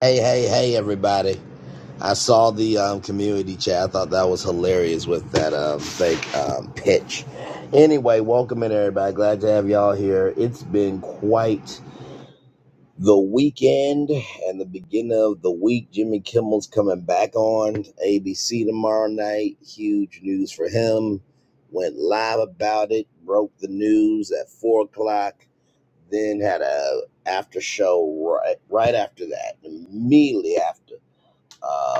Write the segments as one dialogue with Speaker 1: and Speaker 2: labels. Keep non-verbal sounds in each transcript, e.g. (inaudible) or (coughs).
Speaker 1: Hey, hey, hey, everybody. I saw the um, community chat. I thought that was hilarious with that um, fake um, pitch. Anyway, welcome in, everybody. Glad to have y'all here. It's been quite the weekend and the beginning of the week. Jimmy Kimmel's coming back on ABC tomorrow night. Huge news for him. Went live about it, broke the news at 4 o'clock, then had a after show right, right after that, immediately after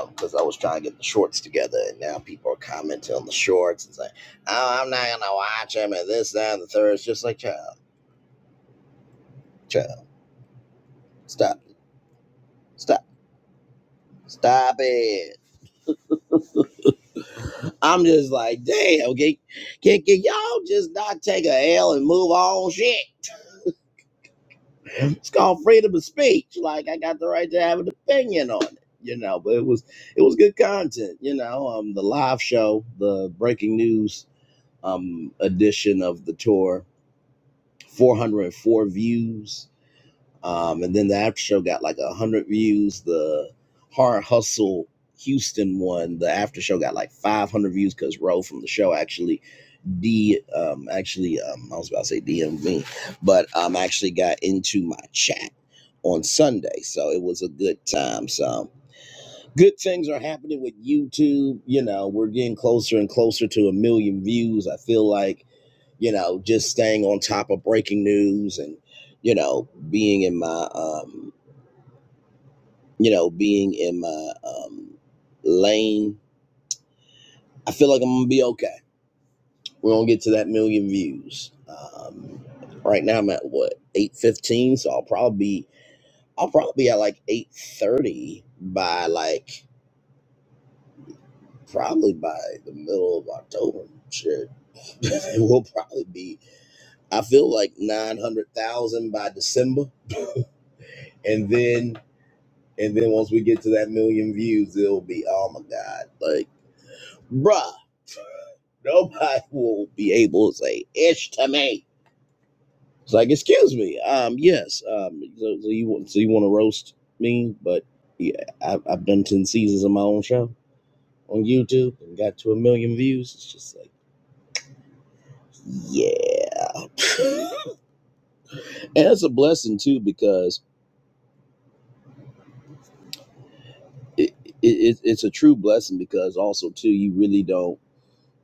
Speaker 1: because uh, I was trying to get the shorts together, and now people are commenting on the shorts and saying, "Oh, I'm not gonna watch them," and this, that, and the third. It's just like, child, child, stop, it. stop, stop it. I'm just like, damn, can, can, can y'all just not take a L and move on? Shit, it's called freedom of speech. Like, I got the right to have an opinion on it, you know. But it was it was good content, you know. Um, the live show, the breaking news um edition of the tour 404 views. Um, and then the after show got like 100 views. The Hard Hustle Houston one, the after show got like 500 views because Ro from the show actually D um actually um I was about to say DM me, but um actually got into my chat on Sunday. So it was a good time. So good things are happening with YouTube. You know, we're getting closer and closer to a million views. I feel like you know, just staying on top of breaking news and, you know, being in my, um, you know, being in my um, lane. I feel like I'm gonna be okay. We're gonna get to that million views. Um, right now I'm at what eight fifteen, so I'll probably be, I'll probably be at like eight thirty by like probably by the middle of October. Shit, (laughs) it will probably be. I feel like nine hundred thousand by December, and then And then once we get to that million views, it'll be, oh my God, like, bruh, (laughs) nobody will be able to say ish to me. It's like, excuse me, um, yes, um, so, so you want, so you want to roast me, but yeah, I, I've done ten seasons of my own show on YouTube and got to a million views. It's just like, yeah, (laughs) and it's a blessing too because it, it, it it's a true blessing because also too you really don't.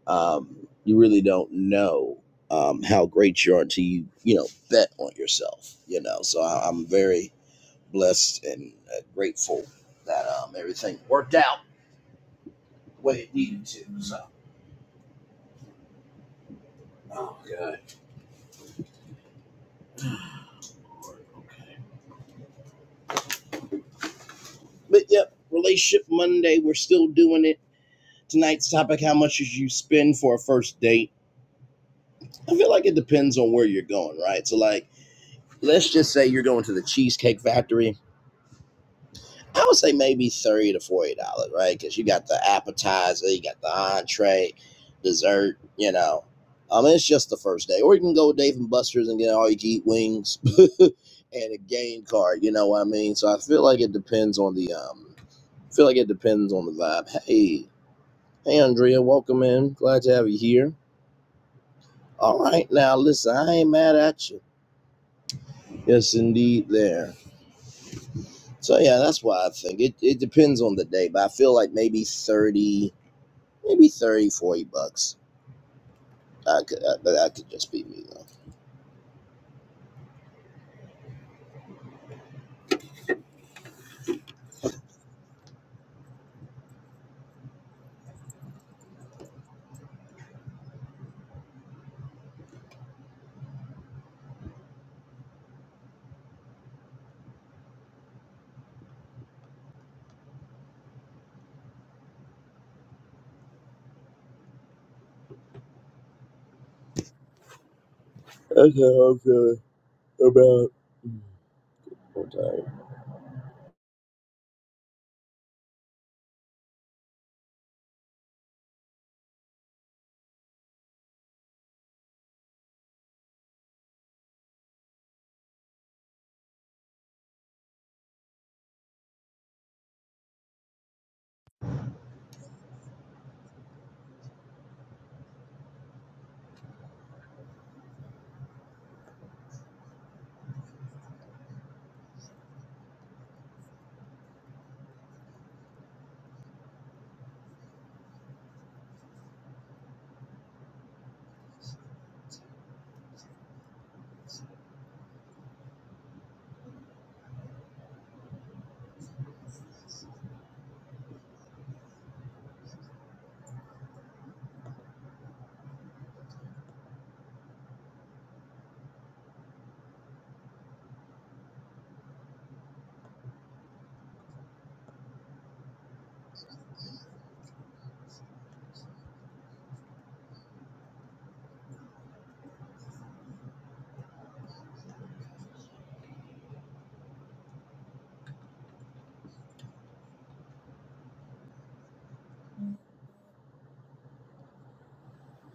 Speaker 1: um, you really don't know um, how great you are until you you know bet on yourself you know so I, i'm very blessed and uh, grateful that um, everything worked out the way it needed to so oh god but yep relationship monday we're still doing it tonight's topic how much should you spend for a first date i feel like it depends on where you're going right so like let's just say you're going to the cheesecake factory I would say maybe thirty to forty dollars, right? Because you got the appetizer, you got the entree, dessert. You know, um, it's just the first day. Or you can go with Dave and Buster's and get all you can eat wings (laughs) and a game card. You know what I mean? So I feel like it depends on the um, I feel like it depends on the vibe. Hey, hey, Andrea, welcome in. Glad to have you here. All right, now listen, I ain't mad at you. Yes, indeed, there. So yeah, that's why I think it, it depends on the day, but I feel like maybe thirty. maybe 30, 40 bucks. I could, I, but that could just be me though. That's how I'm feeling about. I'm tired.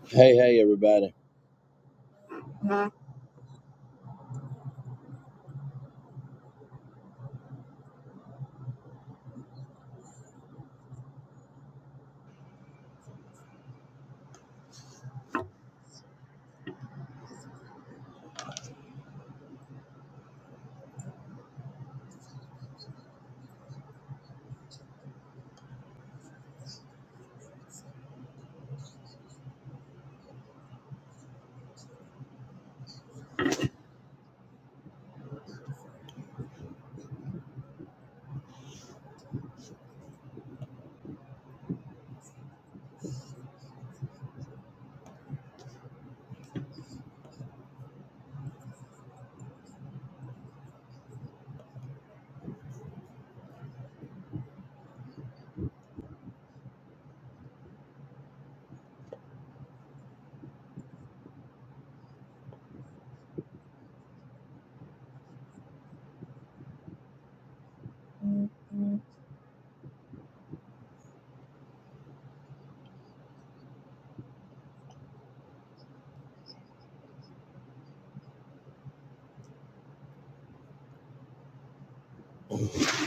Speaker 1: Hey, hey, everybody.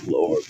Speaker 1: Lord,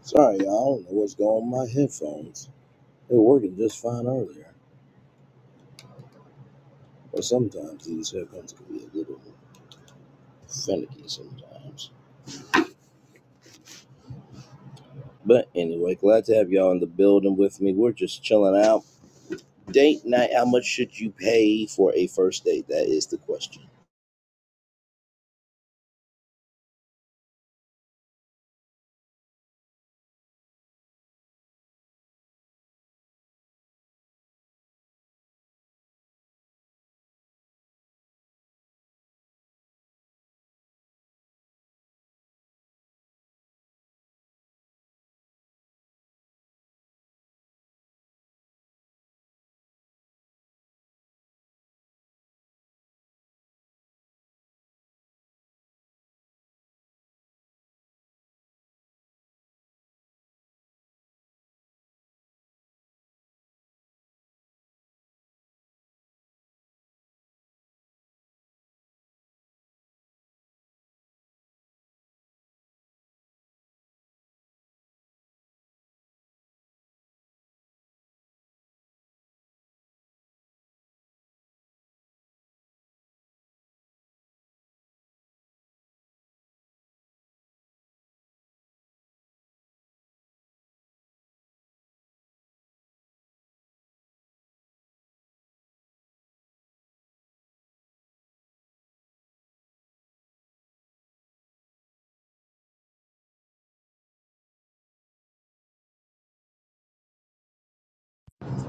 Speaker 1: sorry, y'all. I don't know what's going on with my headphones. They were working just fine earlier, but sometimes these headphones can be a little finicky sometimes. But anyway, glad to have y'all in the building with me. We're just chilling out. Date night. How much should you pay for a first date? That is the question.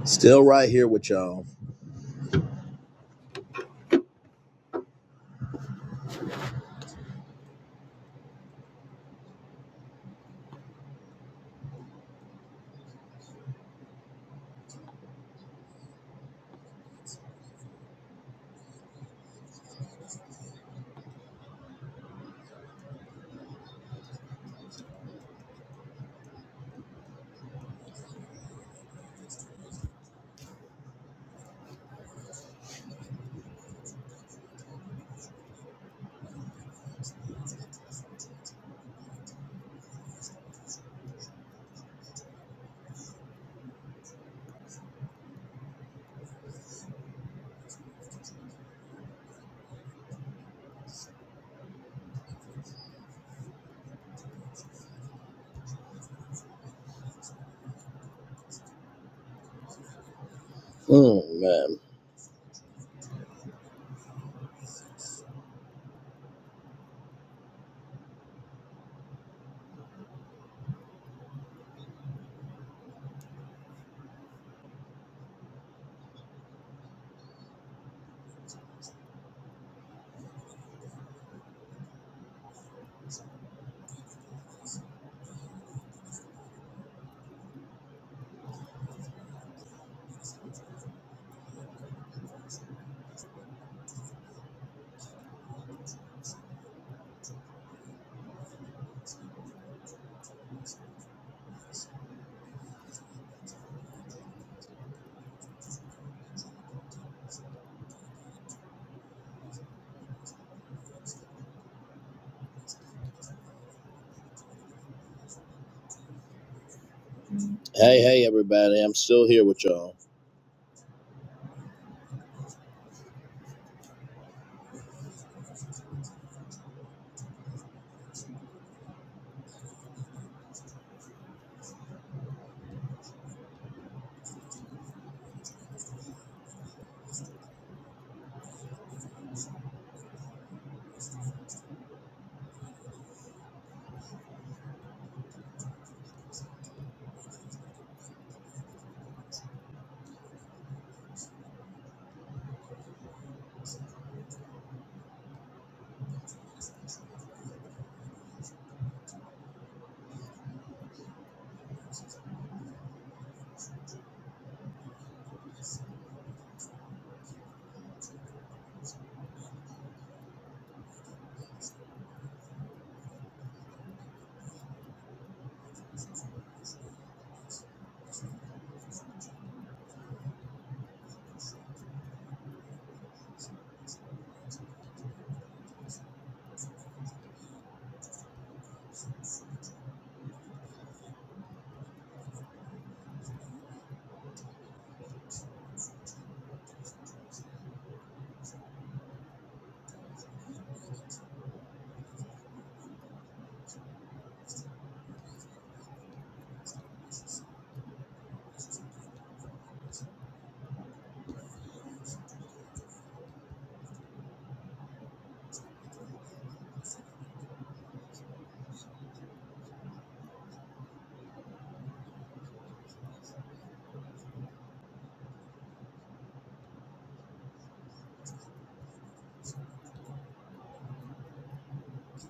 Speaker 1: Still right here with y'all. Hmm, man. Hey, hey, everybody. I'm still here with y'all.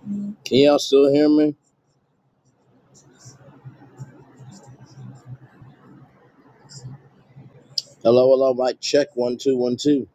Speaker 1: Can y'all still hear me? Hello, hello. Mic check. One, two, one, two.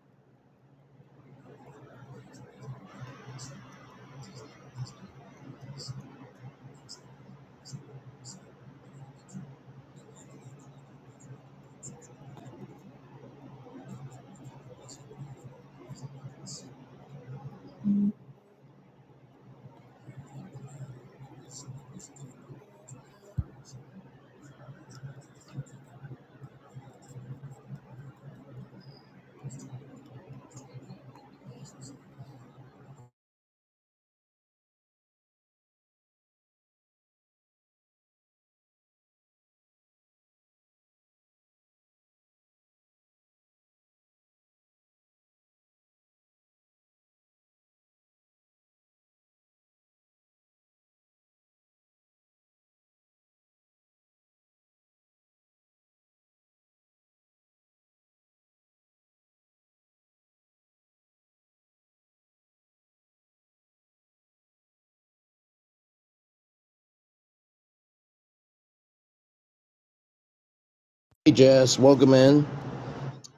Speaker 1: Hey, Jazz. Welcome in.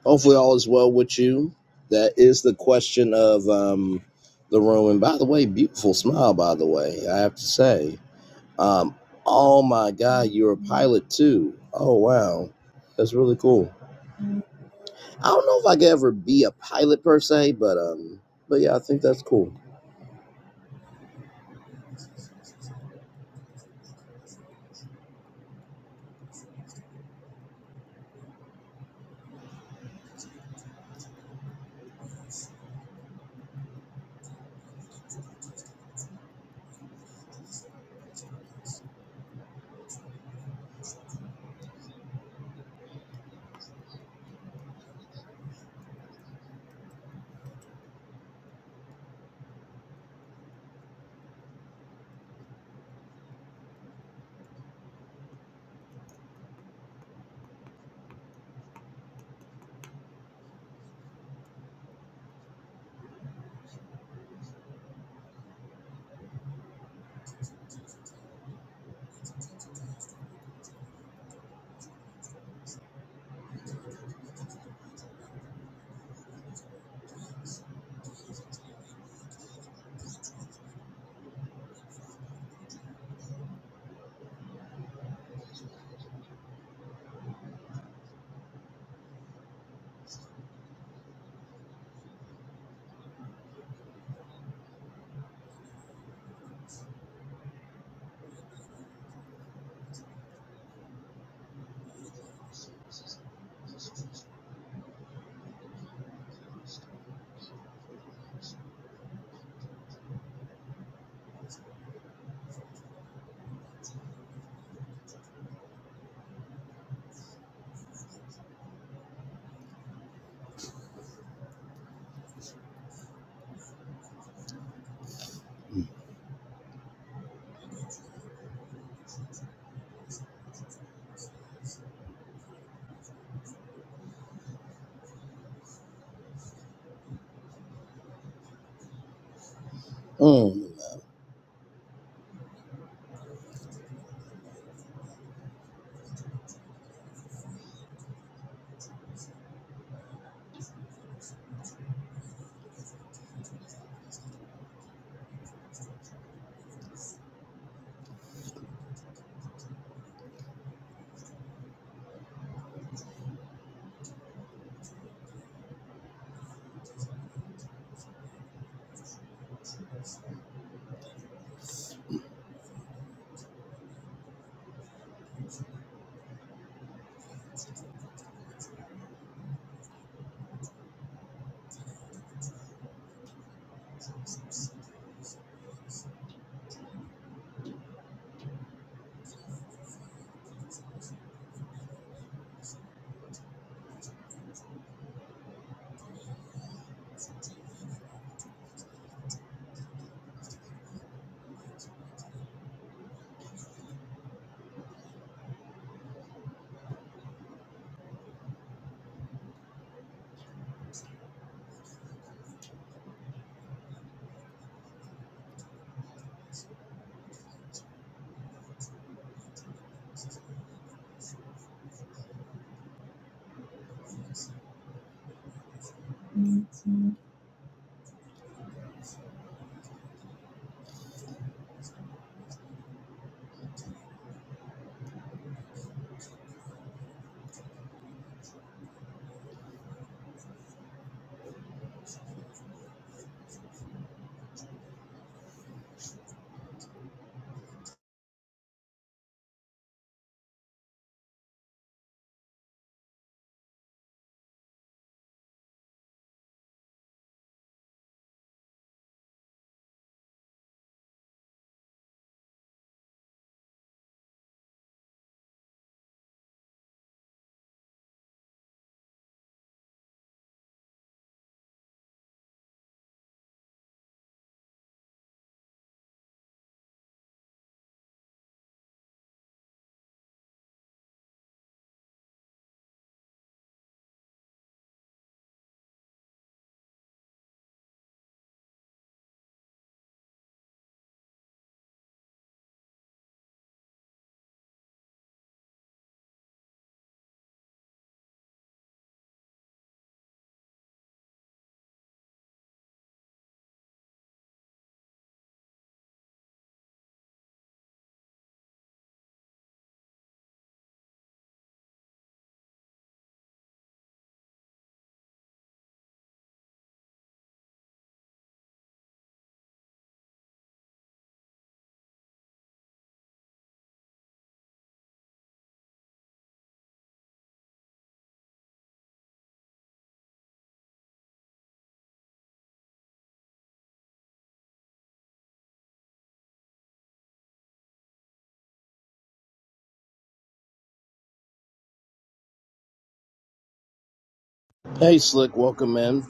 Speaker 1: Hopefully, all is well with you. That is the question of um, the room. And by the way, beautiful smile, by the way, I have to say. Um, oh, my God. You're a pilot, too. Oh, wow. That's really cool. I don't know if I could ever be a pilot per se, but um, but yeah, I think that's cool. Mm. Hey, Slick, welcome in.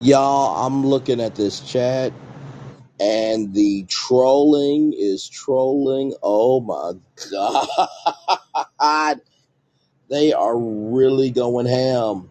Speaker 1: Y'all, I'm looking at this chat and the trolling is trolling. Oh my God. (laughs) They are really going ham.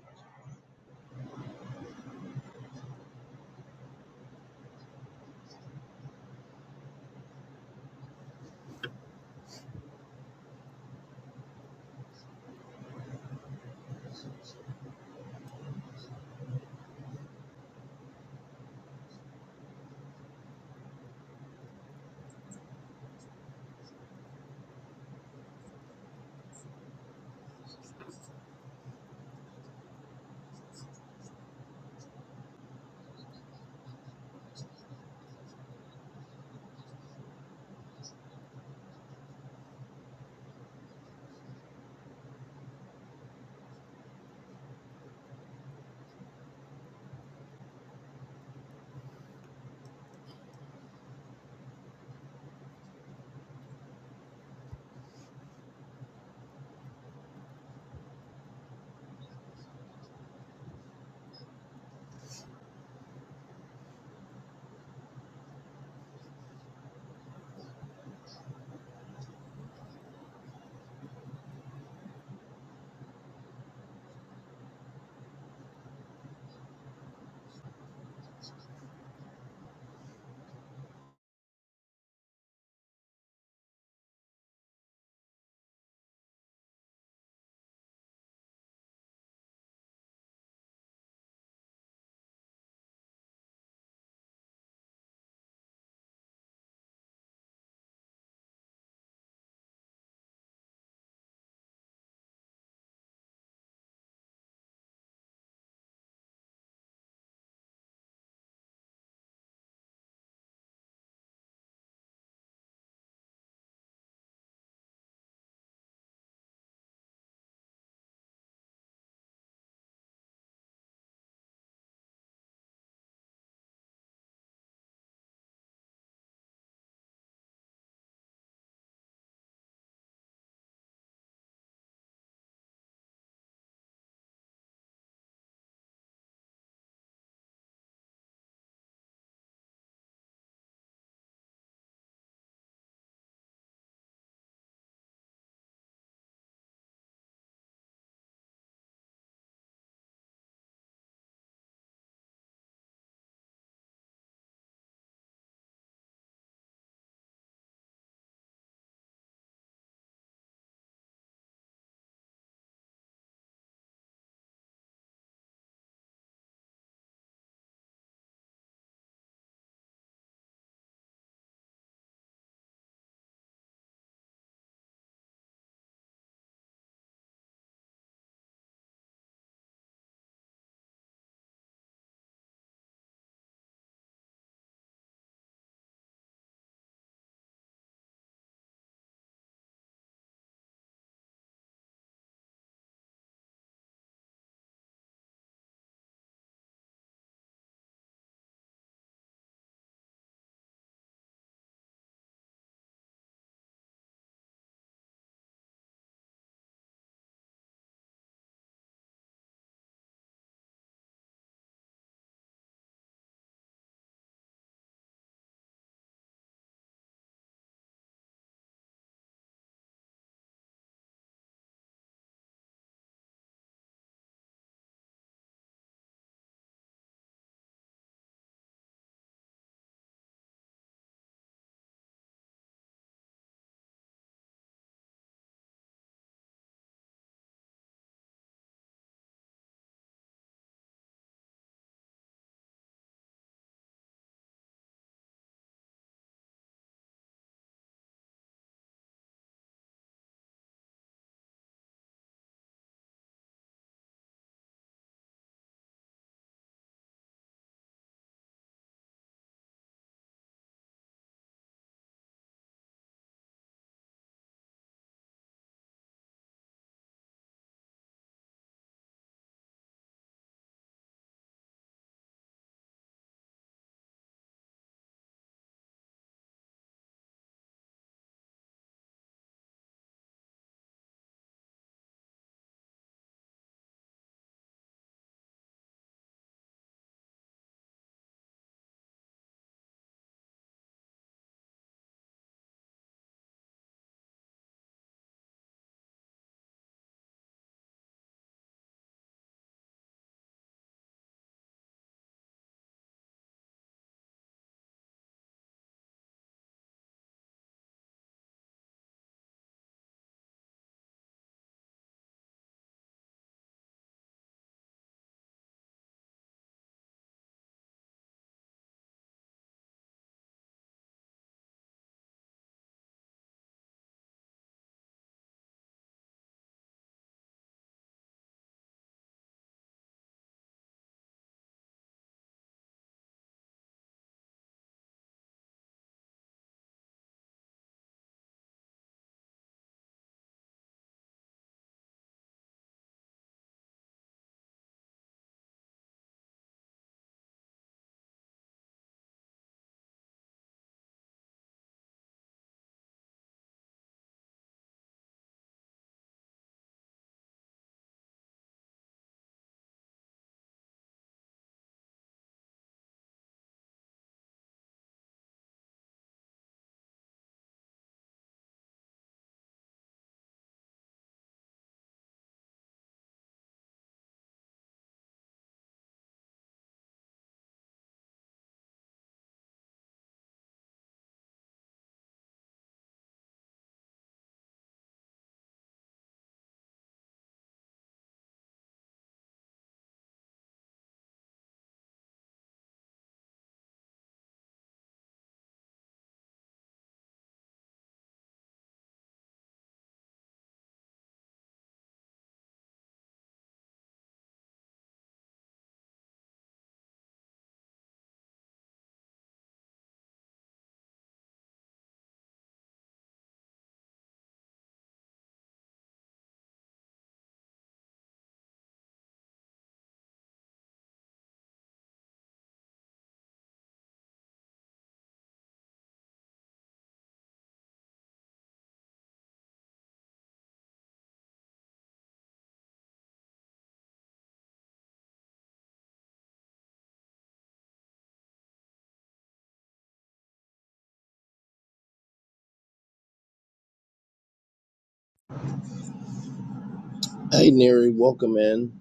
Speaker 1: Hey, Neri, welcome in.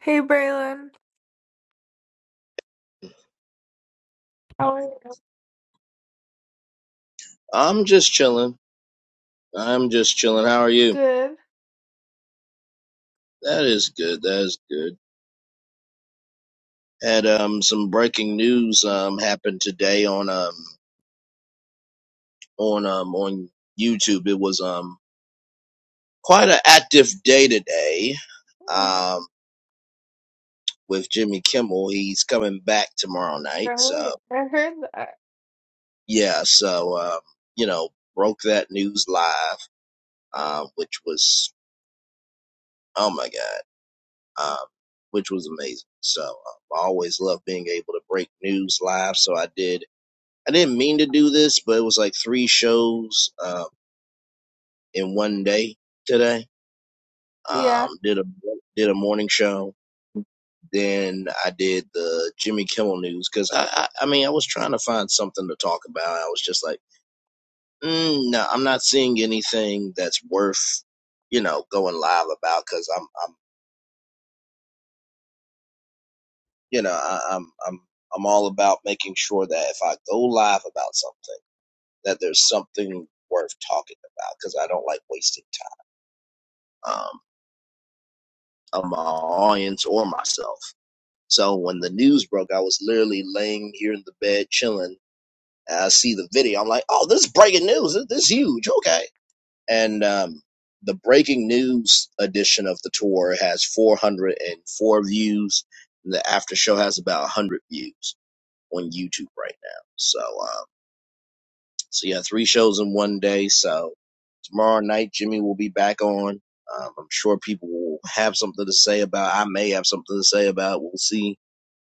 Speaker 2: Hey Braylon, how are you?
Speaker 1: I'm just chilling. I'm just chilling. How are you?
Speaker 2: Good.
Speaker 1: That is good. That is good. Had um some breaking news um happened today on um on um on YouTube. It was um quite an active day today
Speaker 2: Mhm.
Speaker 1: um, with Jimmy Kimmel. He's coming back tomorrow night. So,
Speaker 2: Right. I heard that.
Speaker 1: yeah, so, um, you know, broke that news live, um, which was, oh my God, um, which was amazing. So, um, I always love being able to break news live. So, I did, I didn't mean to do this, but it was like three shows uh, in one day today.
Speaker 2: Yeah,
Speaker 1: Um, did a did a morning show, Then I did the Jimmy Kimmel news because I, I, I mean, I was trying to find something to talk about. I was just like, mm, no, I'm not seeing anything that's worth, you know, going live about because I'm, I'm, you know, I, I'm, I'm, I'm all about making sure that if I go live about something, that there's something worth talking about because I don't like wasting time um, of my audience or myself. So when the news broke, I was literally laying here in the bed chilling And I see the video. I'm like, oh, this is breaking news. This, this is huge. Okay. And um, the breaking news edition of the tour has 404 views. And the after show has about 100 views on YouTube right now. So, um, so yeah, three shows in one day. So tomorrow night, Jimmy will be back on. Um, I'm sure people will have something to say about. I may have something to say about. We'll see.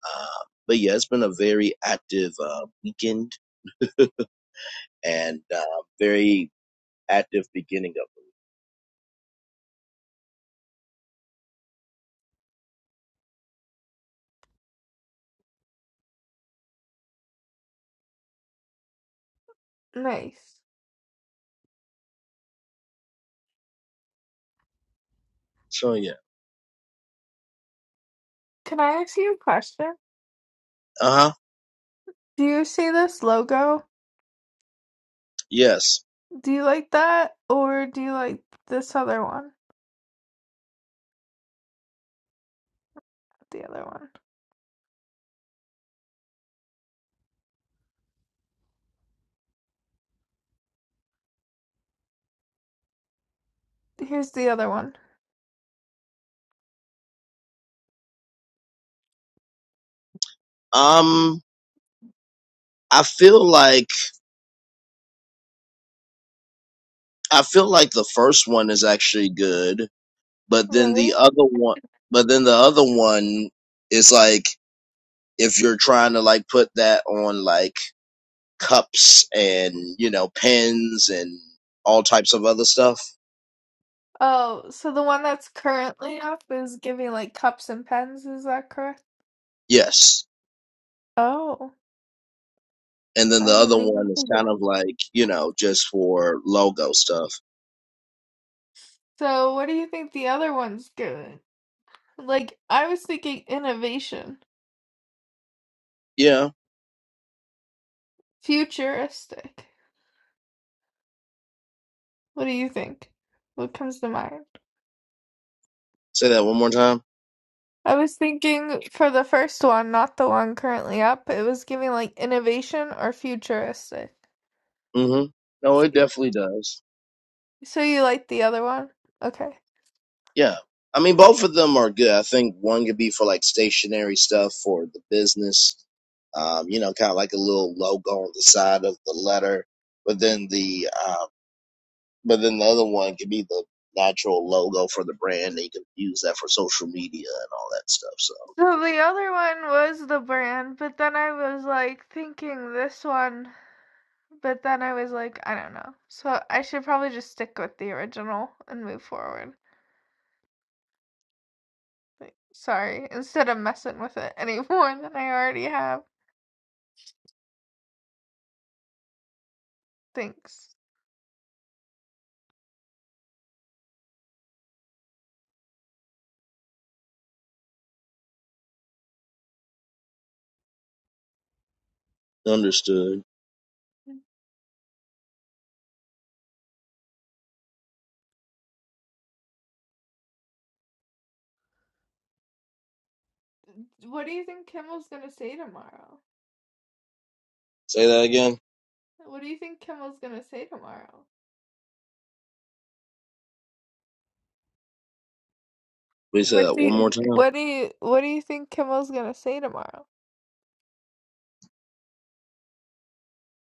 Speaker 1: Um, but yeah, it's been a very active uh, weekend and uh, very active beginning of it.
Speaker 2: nice.
Speaker 1: So yeah.
Speaker 2: Can I ask you a question?
Speaker 1: Uh huh.
Speaker 2: Do you see this logo?
Speaker 1: Yes.
Speaker 2: Do you like that, or do you like this other one? The other one. Here's the other one.
Speaker 1: Um I feel like I feel like the first one is actually good, but then
Speaker 2: Really?
Speaker 1: the other one but then the other one is like if you're trying to like put that on like cups and you know pens and all types of other stuff.
Speaker 2: Oh, so the one that's currently up is giving like cups and pens, is that correct?
Speaker 1: Yes.
Speaker 2: Oh,
Speaker 1: And then
Speaker 2: I
Speaker 1: the other
Speaker 2: didn't even
Speaker 1: one is
Speaker 2: think of (laughs)
Speaker 1: kind
Speaker 2: that.
Speaker 1: of like, you know, just for logo stuff.
Speaker 2: So what do you think the other one's giving? Like, I was thinking innovation,
Speaker 1: Yeah.
Speaker 2: futuristic. What do you think? What comes to mind?
Speaker 1: Say that one more time.
Speaker 2: I was thinking for the first one, not the one currently up, it was giving like innovation or futuristic.
Speaker 1: Mhm. No, it
Speaker 2: Yeah.
Speaker 1: definitely does.
Speaker 2: So you like the other one? Okay.
Speaker 1: Yeah. I mean, both of them are good. I think one could be for like stationary stuff for the business, um, you know, kind of like a little logo on the side of the letter. But then the, uh, but then the other one could be the natural logo for the brand. And you can use that for social media and all that stuff. So
Speaker 2: So the other one was the brand, but then I was like thinking this one, but then I was like, I don't know. So I should probably just stick with the original and move forward. Like, Sorry, instead of messing with it (laughs) any more than I already have. Thanks.
Speaker 1: understood.
Speaker 2: What do you think Kimmel's gonna say tomorrow?
Speaker 1: Say that again.
Speaker 2: What do you think Kimmel's gonna say tomorrow?
Speaker 1: We say
Speaker 2: What
Speaker 1: that
Speaker 2: do
Speaker 1: one
Speaker 2: you
Speaker 1: more time.
Speaker 2: what do you what do you think Kimmel's gonna say tomorrow?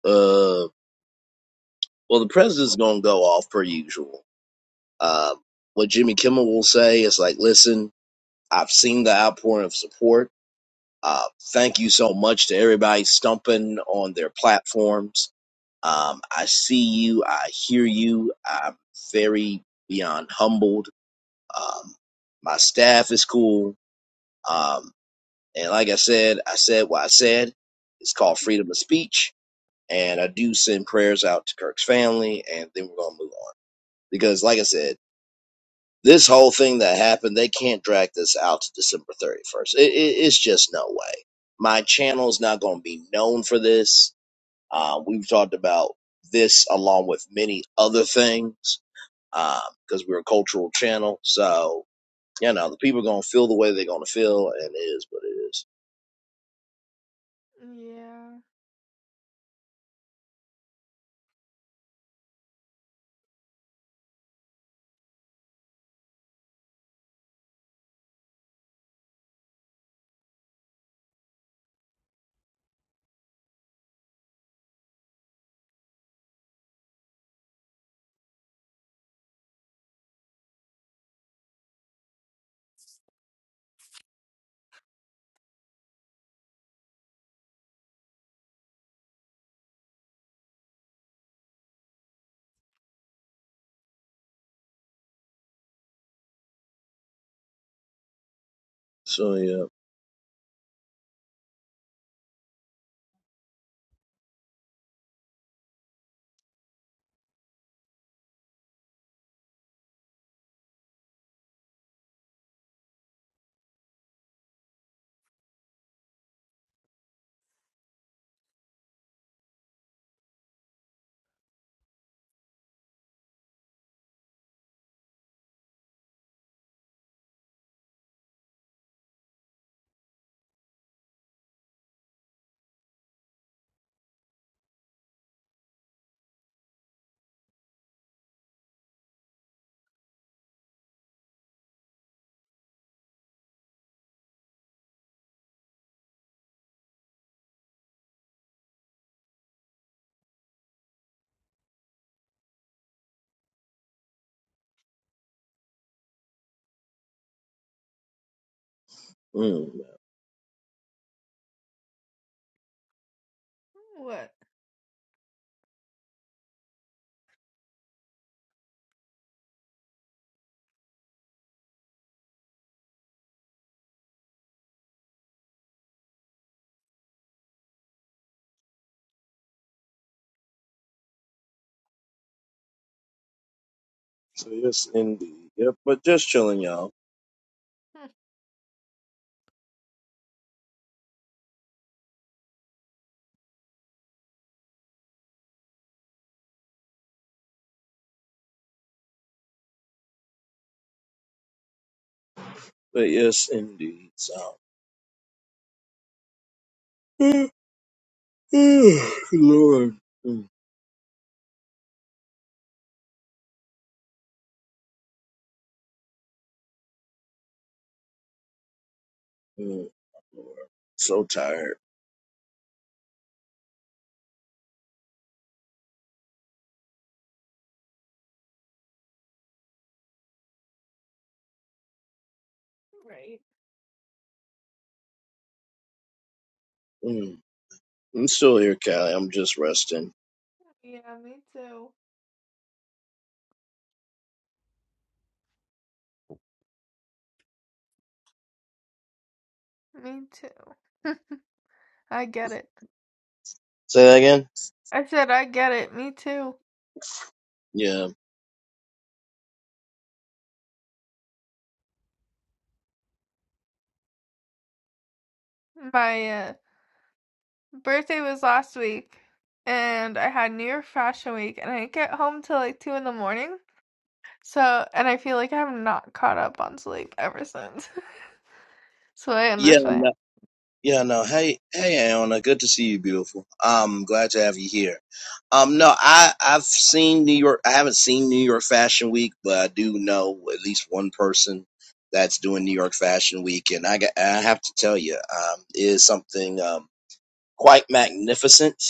Speaker 1: Uh, well, the president's going to go off per usual. Um, what Jimmy Kimmel will say is like, listen, I've seen the outpouring of support. Uh, thank you so much to everybody stumping on their platforms. Um, I see you. I hear you. I'm very beyond humbled. Um, my staff is cool. Um, and like I said, I said what I said. It's called freedom of speech. And I do send prayers out to Kirk's family, and then we're going to move on. Because, like I said, this whole thing that happened, they can't drag this out to December 31st. It, it, it's just no way. My channel's not going to be known for this. Uh, we've talked about this along with many other things because we're a cultural channel. So, you know, the people are going to feel the way they're going to feel, and it is what it is.
Speaker 2: Yeah.
Speaker 1: So, yeah. Mm.
Speaker 2: What?
Speaker 1: So, yes, indeed. Yep, but just chilling, y'all.
Speaker 2: (laughs)
Speaker 1: But yes, indeed. So, (sighs) Lord. Mm, Lord, so tired.
Speaker 2: right.
Speaker 1: Mm, I'm still here, Callie. I'm just resting.
Speaker 2: Yeah, me too. Me too. I get it.
Speaker 1: Say that again.
Speaker 2: I said I get it. Me too.
Speaker 1: Yeah.
Speaker 2: My uh, birthday was last week, and I had New York Fashion Week, and I didn't get home till like two in the morning. So, and I feel like I'm not caught up on sleep ever since. (laughs) so I
Speaker 1: Yeah.
Speaker 2: understand.
Speaker 1: No, yeah. No. Hey. Hey, Anna. Good to see you, beautiful. I'm glad to have you here. Um. No. I. I've seen New York. I haven't seen New York Fashion Week, but I do know at least one person that's doing New York Fashion Week, and I. got- I have to tell you, um, it is something um quite magnificent.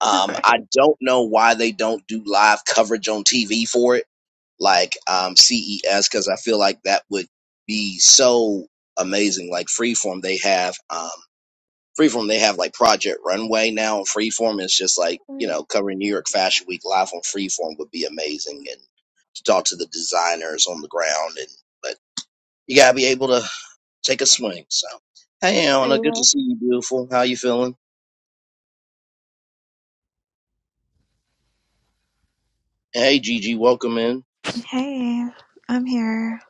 Speaker 2: (laughs)
Speaker 1: Um, I
Speaker 2: right.
Speaker 1: don't know why they don't do live coverage on TV for it. like um, CES because I feel like that would be so amazing. Like Freeform, they have um, Freeform, they have like Project Runway now on Freeform. It's just like you know covering New York Fashion Week live on Freeform would be amazing, and to talk to the designers on the ground. And but you gotta be able to take a swing. So hey, Anna, good
Speaker 2: Yeah.
Speaker 1: to see you, beautiful. How you feeling? Hey, Gigi, welcome in.
Speaker 3: Hey, I'm here.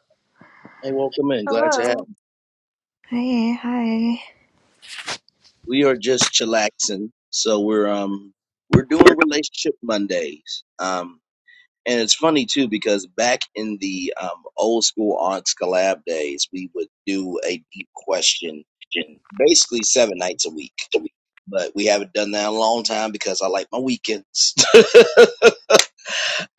Speaker 1: Hey, welcome in. Glad to have. you.
Speaker 2: Hello.
Speaker 3: Hey, hi.
Speaker 1: We are just chillaxing. So we're um we're doing relationship Mondays. Um and it's funny too because back in the um old school aunts collab days, we would do a deep question basically seven nights a week. But we haven't done that in a long time because I like my weekends. (laughs)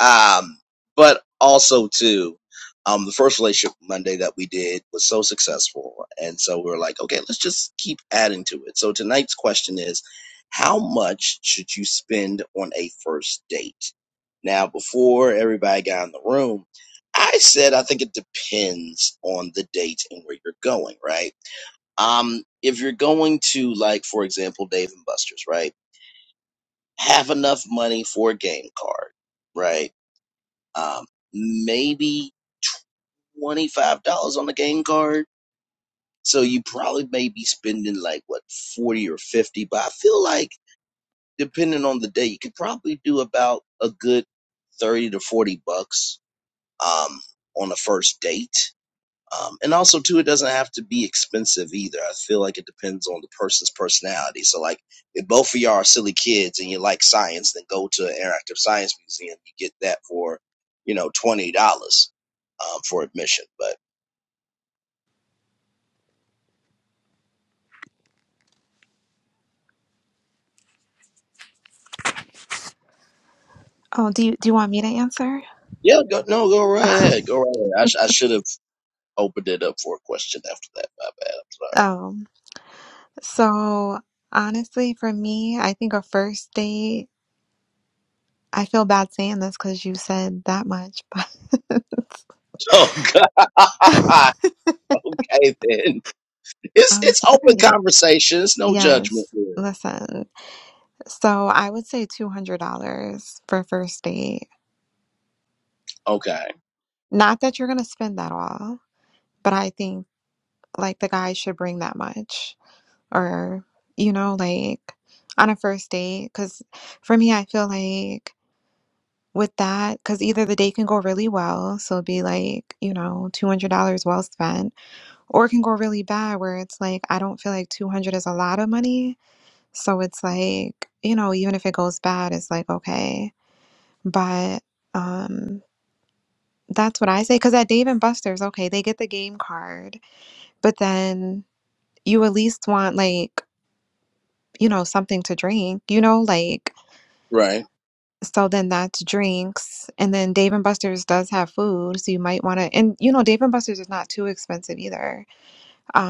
Speaker 1: Um, but also too, um, the first relationship Monday that we did was so successful, and so we were like, okay, let's just keep adding to it. So tonight's question is, how much should you spend on a first date? Now, before everybody got in the room, I said I think it depends on the date and where you're going, right? Um, if you're going to like, for example, Dave and Buster's, right? Have enough money for a game card, right? um, maybe $25 on the game card. So you probably may be spending like what 40 or 50, but I feel like depending on the day, you could probably do about a good 30 to 40 bucks um, on a first date. Um, and also too, it doesn't have to be expensive either. I feel like it depends on the person's personality. So like, if both of y'all are silly kids and you like science, then go to an interactive science museum. You get that for, you know, twenty dollars um, for admission. But
Speaker 3: Oh, do you do you want me to answer?
Speaker 1: yeah, go, no, go right ahead,
Speaker 3: (laughs)
Speaker 1: go right ahead. I, sh- I should have opened it up for a question after that. My bad. I'm sorry. (laughs)
Speaker 3: Um, so honestly, for me, I think a first date, I feel bad saying this because you said that much, but
Speaker 1: Oh
Speaker 3: (laughs)
Speaker 1: God. (laughs) okay then. It's
Speaker 3: I'm
Speaker 1: it's open
Speaker 3: sorry.
Speaker 1: conversation. It's no judgment
Speaker 3: Yes,
Speaker 1: here.
Speaker 3: listen. So I would say $200 for a first date.
Speaker 1: Okay.
Speaker 3: Not that you're gonna spend that all, but I think like the guy should bring that much. or you know like on a first date because for me i feel like with that because either the date can go really well so it'd be like you know $200 well spent or it can go really bad where it's like i don't feel like 200 is a lot of money so it's like you know even if it goes bad it's like okay but um that's what i say because at dave and buster's okay they get the game card but then you at least want like you know something to drink you know like
Speaker 1: Right.
Speaker 3: So then that's drinks. And then Dave and Buster's does have food, so you might want to and you know Dave and Buster's is not too expensive either.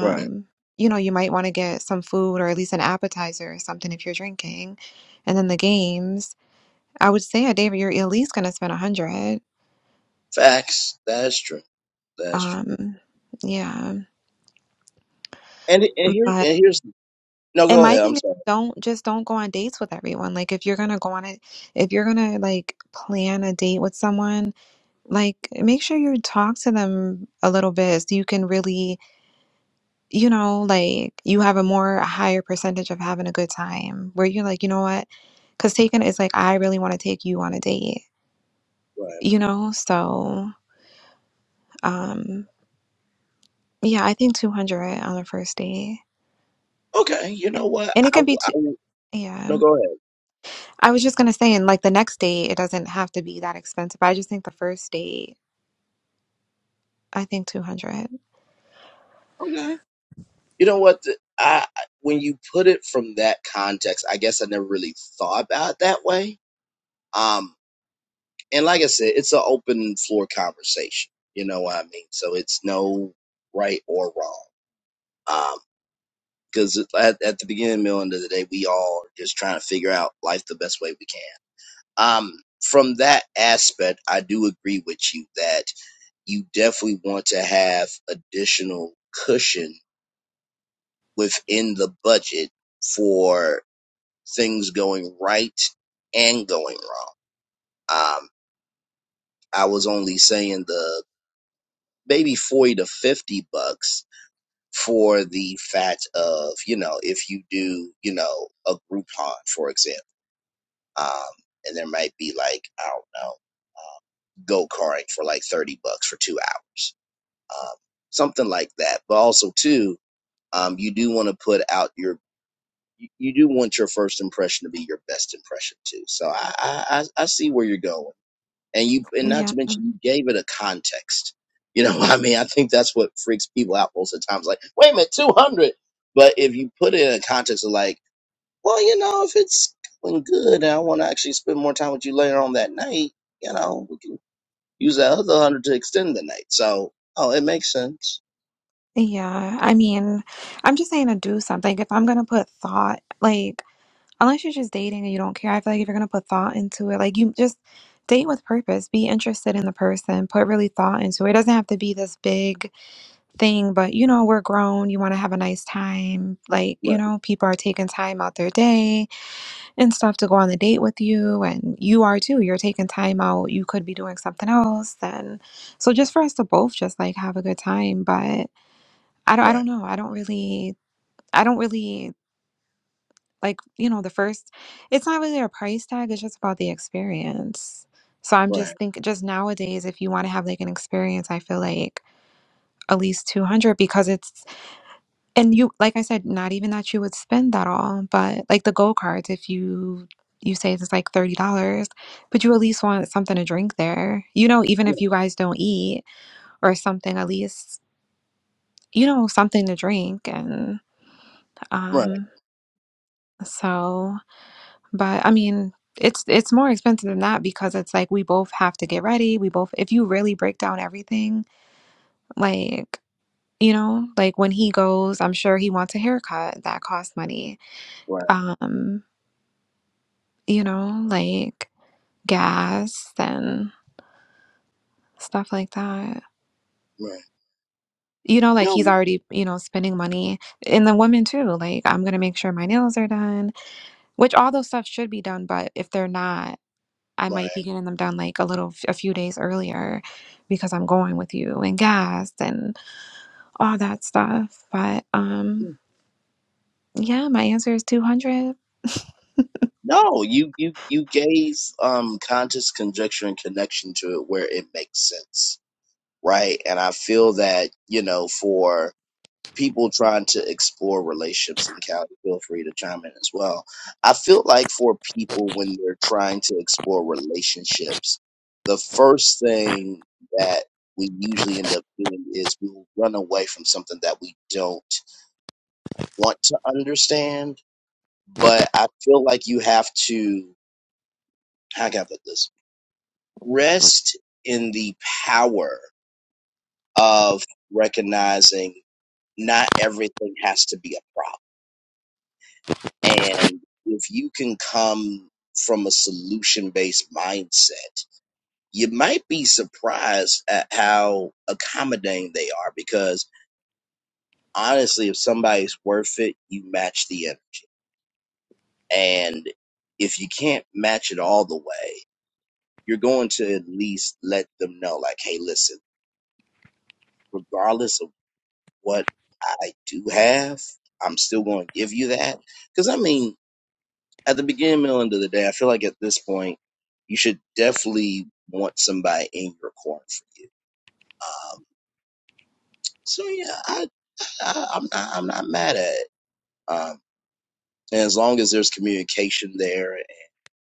Speaker 1: Right.
Speaker 3: you know, you might want to get some food or at least an appetizer or something if you're drinking. And then the games, I would say at Dave you're at least going to spend a hundred.
Speaker 1: Facts. That is true. That's true.
Speaker 3: Um, yeah.
Speaker 1: And and here
Speaker 3: But
Speaker 1: and here's no.
Speaker 3: and
Speaker 1: Go
Speaker 3: my
Speaker 1: ahead. I'm
Speaker 3: thing is
Speaker 1: sorry.
Speaker 3: don't just don't go on dates with everyone. Like if you're going to go on it, if you're going to like plan a date with someone, like make sure you talk to them a little bit so you can really you know like you have a more a higher percentage of having a good time where you're like you know what because taken is like i really want to take you on a date
Speaker 1: Go ahead.
Speaker 3: you know so um yeah i think 200 on the first date
Speaker 1: Okay. You know what?
Speaker 3: and it
Speaker 1: I,
Speaker 3: can
Speaker 1: w-
Speaker 3: be
Speaker 1: I
Speaker 3: two
Speaker 1: w-
Speaker 3: yeah
Speaker 1: no. Go ahead.
Speaker 3: i was just gonna say and like the next date it doesn't have to be that expensive i just think the first date i think 200
Speaker 1: Okay. You know what? The, I I- when you put it from that context, I guess I never really thought about it that way. Um, and like I said, it's an open floor conversation. You know what I mean? So it's no right or wrong. Um, because at, at the beginning, middle, end of the day, we all are just trying to figure out life the best way we can. um, from that aspect, I do agree with you that you definitely want to have additional cushion within the budget for things going right and going wrong. Um, I was only saying the maybe 40 to 50 bucks for the fact of, you know, if you do, you know, a Groupon, for example, um, and there might be like, I don't know, uh, go karting for like 30 bucks for two hours um, something like that. But also too, um, you do want to put out your you you do want your first impression to be your best impression too. So I I, I I see where you're going, and you and not
Speaker 3: yeah
Speaker 1: to mention you gave it a context. You know, (laughs) what I mean, I think that's what freaks people out most of the times. Like, wait a minute, two hundred. But if you put it in a context of like, well, you know, if it's going good, and I want to actually spend more time with you later on that night, you know, we can use that other hundred to extend the night. So, oh, it makes sense.
Speaker 3: Yeah, I mean, I'm just saying to do something. If I'm gonna put thought, like, unless you're just dating and you don't care, I feel like if you're gonna put thought into it, like, you just date with purpose, be interested in the person, put really thought into it. It doesn't have to be this big thing, but you know, we're grown, you want to have a nice time. Like, you
Speaker 1: Right.
Speaker 3: know, people are taking time out their day and stuff to go on the date with you, and you are too. You're taking time out, you could be doing something else, then. So just for us to both just like have a good time, but. I don't I
Speaker 1: Right.
Speaker 3: don't know. I don't really I don't really like, you know, the first it's not really a price tag, it's just about the experience. So I'm
Speaker 1: Right,
Speaker 3: just think just nowadays if you want to have like an experience, I feel like at least 200 because it's and you like I said not even that you would spend that all, but like the go-karts if you you say it's like $30, but you at least want something to drink there. You know, even
Speaker 1: right,
Speaker 3: if you guys don't eat or something, at least you know something to drink and
Speaker 1: right,
Speaker 3: um so But I mean, it's it's more expensive than that because it's like we both have to get ready. We both, if you really break down everything, like you know, like when he goes, I'm sure he wants a haircut that costs money. Um, you know, like gas and stuff like that.
Speaker 1: right.
Speaker 3: You know, like he's
Speaker 1: No,
Speaker 3: already, you know, spending money. And the woman too, like I'm gonna make sure my nails are done, which all those stuff should be done, but if they're not, I
Speaker 1: right.
Speaker 3: might be getting them done like a little, a few days earlier because I'm going with you and gas and all that stuff. But um, yeah, my answer is 200.
Speaker 1: No, you you you gave um conscious conjecture and connection to it where it makes sense, right? And I feel that you know for people trying to explore relationships in Cal, feel free to chime in as well. I feel like for people when they're trying to explore relationships, the first thing that we usually end up doing is we will run away from something that we don't want to understand but I feel like you have to how can I put this? Rest in the power of recognizing not everything has to be a problem. And if you can come from a solution based mindset, you might be surprised at how accommodating they are because honestly, if somebody's worth it, you match the energy. And if you can't match it all the way, you're going to at least let them know, like, hey, listen, regardless of what I do have, I'm still going to give you that. Because, I mean, at the beginning, middle, end of the day, I feel like at this point, you should definitely want somebody in your corner for you. Um, so, yeah, I, I, I'm, not, I'm not mad at it. Um, and as long as there's communication there,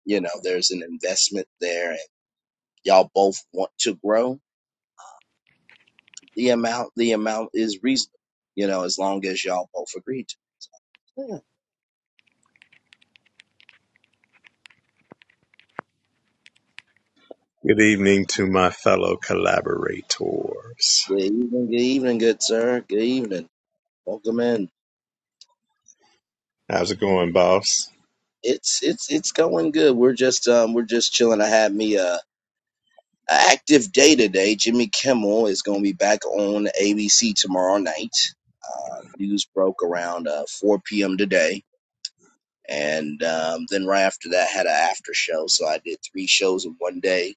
Speaker 1: you know, there's an investment there, and y'all both want to grow, the amount the amount is reasonable. You know, as long as y'all both agree to. Yeah.
Speaker 4: Good evening to my fellow collaborators.
Speaker 1: Good evening, good evening, good sir. Good evening. Welcome in.
Speaker 4: How's it going, boss? (sighs)
Speaker 1: It's it's it's going good. We're just um we're just chilling. I had me a, a active day today. Jimmy Kimmel is going to be back on ABC tomorrow night. News broke around uh, 4 p.m. today, and um, then right after that had an after show. So I did three shows in one day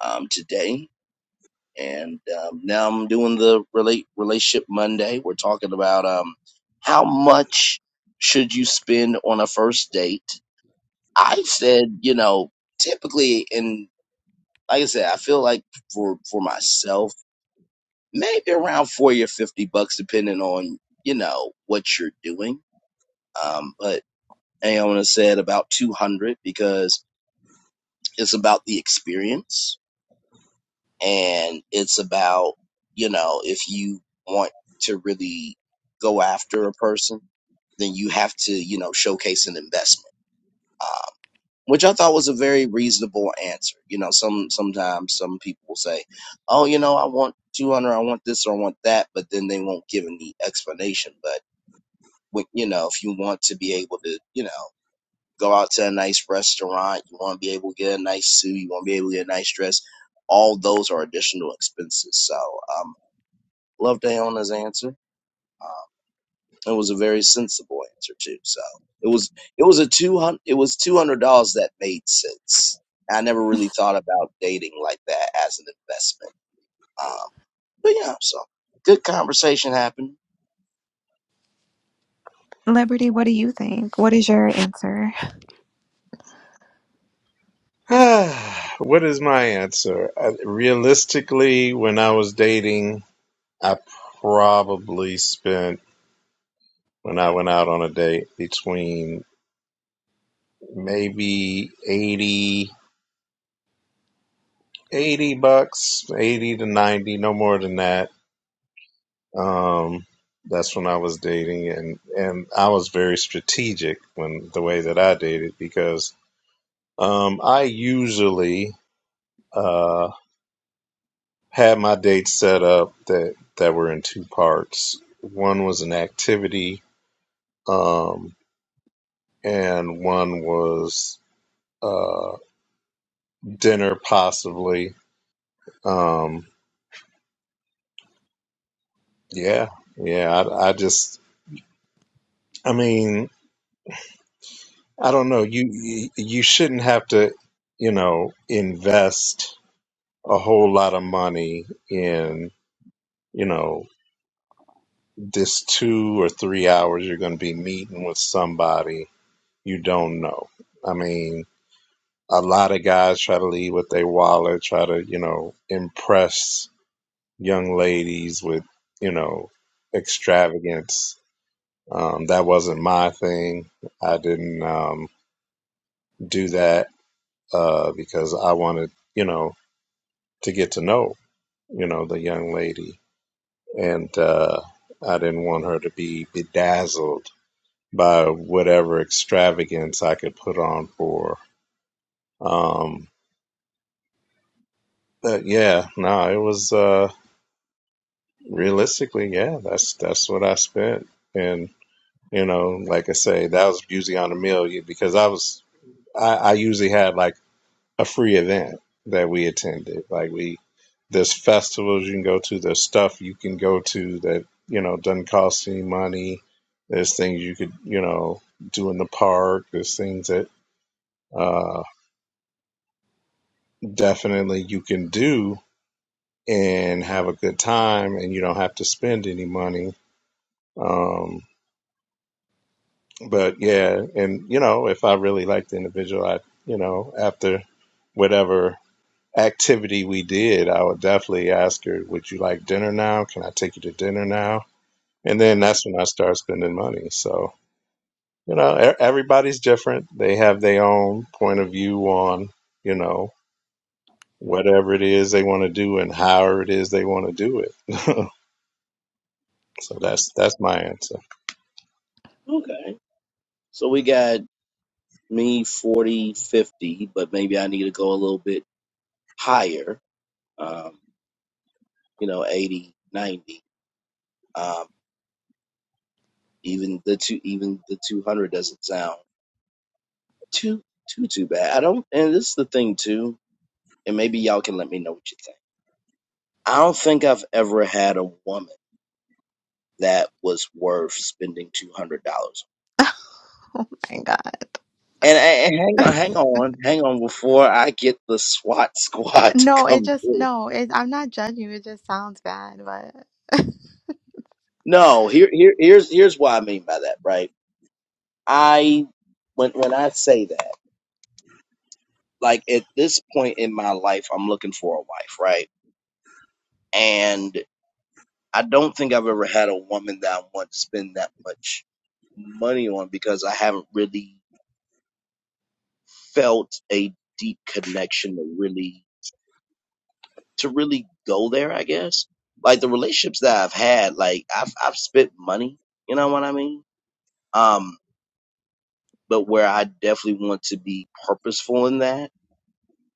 Speaker 1: um, today and um, now I'm doing the relate relationship Monday. We're talking about um, how much should you spend on a first date. I said, you know, typically, and like I said, I feel like for for myself, maybe around forty or fifty bucks, depending on you know what you're doing. Um, but Aona said about two hundred because it's about the experience and it's about you know if you want to really go after a person then you have to you know showcase an investment uh, which i thought was a very reasonable answer you know some sometimes some people will say oh you know i want 200 i want this or i want that but then they won't give any explanation but when, you know if you want to be able to you know go out to a nice restaurant you want to be able to get a nice suit you want to be able to get a nice dress all those are additional expenses so um, Loved Iona's answer. It was a very sensible answer too. So it was it was a two hundred it was two hundred dollars that made sense. I never really thought about dating like that as an investment. Um, but yeah, so good conversation happened.
Speaker 3: Liberty, what do you think? What is your answer? (laughs)
Speaker 4: Ah, what is my answer? Uh, realistically, when I was dating, I probably spent, when I went out on a date, between maybe eighty, eighty bucks, 80 to 90, no more than that. Um, that's when I was dating, and, and I was very strategic when the way that I dated because Um, I usually uh, had my dates set up that that were in two parts. One was an activity, um, and one was uh, dinner, possibly. Um, yeah, yeah. I, I just, I mean, I don't know. You you you shouldn't have to, you know, invest a whole lot of money in you know this two or three hours you're going to be meeting with somebody you don't know. I mean, a lot of guys try to lead with their wallet, try to, you know, impress young ladies with, you know, extravagance. Um, that wasn't my thing. I didn't um, do that uh, because I wanted, you know, to get to know, you know, the young lady. And uh, I didn't want her to be bedazzled by whatever extravagance I could put on for. um, But yeah, no, it was uh realistically, yeah, that's that's what I spent. And you know, like I say, that was usually on a meal yeah, because I was I, I usually had like a free event that we attended. Like we there's festivals you can go to, there's stuff you can go to that, you know, doesn't cost any money. There's things you could, you know, do in the park, there's things that uh definitely you can do and have a good time and you don't have to spend any money Um, but yeah, and you know, if I really liked the individual, I you know, after whatever activity we did, I would definitely ask her, "Would you like dinner now? Can I take you to dinner now?" And then that's when I start spending money. So you know, e- everybody's different. They have their own point of view on you know whatever it is they want to do and however it is they want to do it. (laughs) so that's that's my answer.
Speaker 1: Okay, so we got me 40 50, but maybe I need to go a little bit higher. Um, you know, 80 90. Um, even the two, even the 200 doesn't sound too too too bad. I don't, and this is the thing too. and maybe y'all can let me know what you think. I don't think I've ever had a woman that was worth spending two hundred dollars.
Speaker 3: Oh my God.
Speaker 1: And, and hang on, hang on, hang on before I get the SWAT (laughs) squad to
Speaker 3: No, it
Speaker 1: come
Speaker 3: just
Speaker 1: through.
Speaker 3: no. It, I'm not judging you. It just sounds bad, but (laughs)
Speaker 1: No, here, here, here's here's what I mean by that. Right, I when when I say that, like at this point in my life, I'm looking for a wife, right? And I don't think I've ever had a woman that I want to spend that much money on because I haven't really felt a deep connection to really to really go there, I guess. Like the relationships that I've had, like I've I've spent money, you know what I mean? Um, but where I definitely want to be purposeful in that,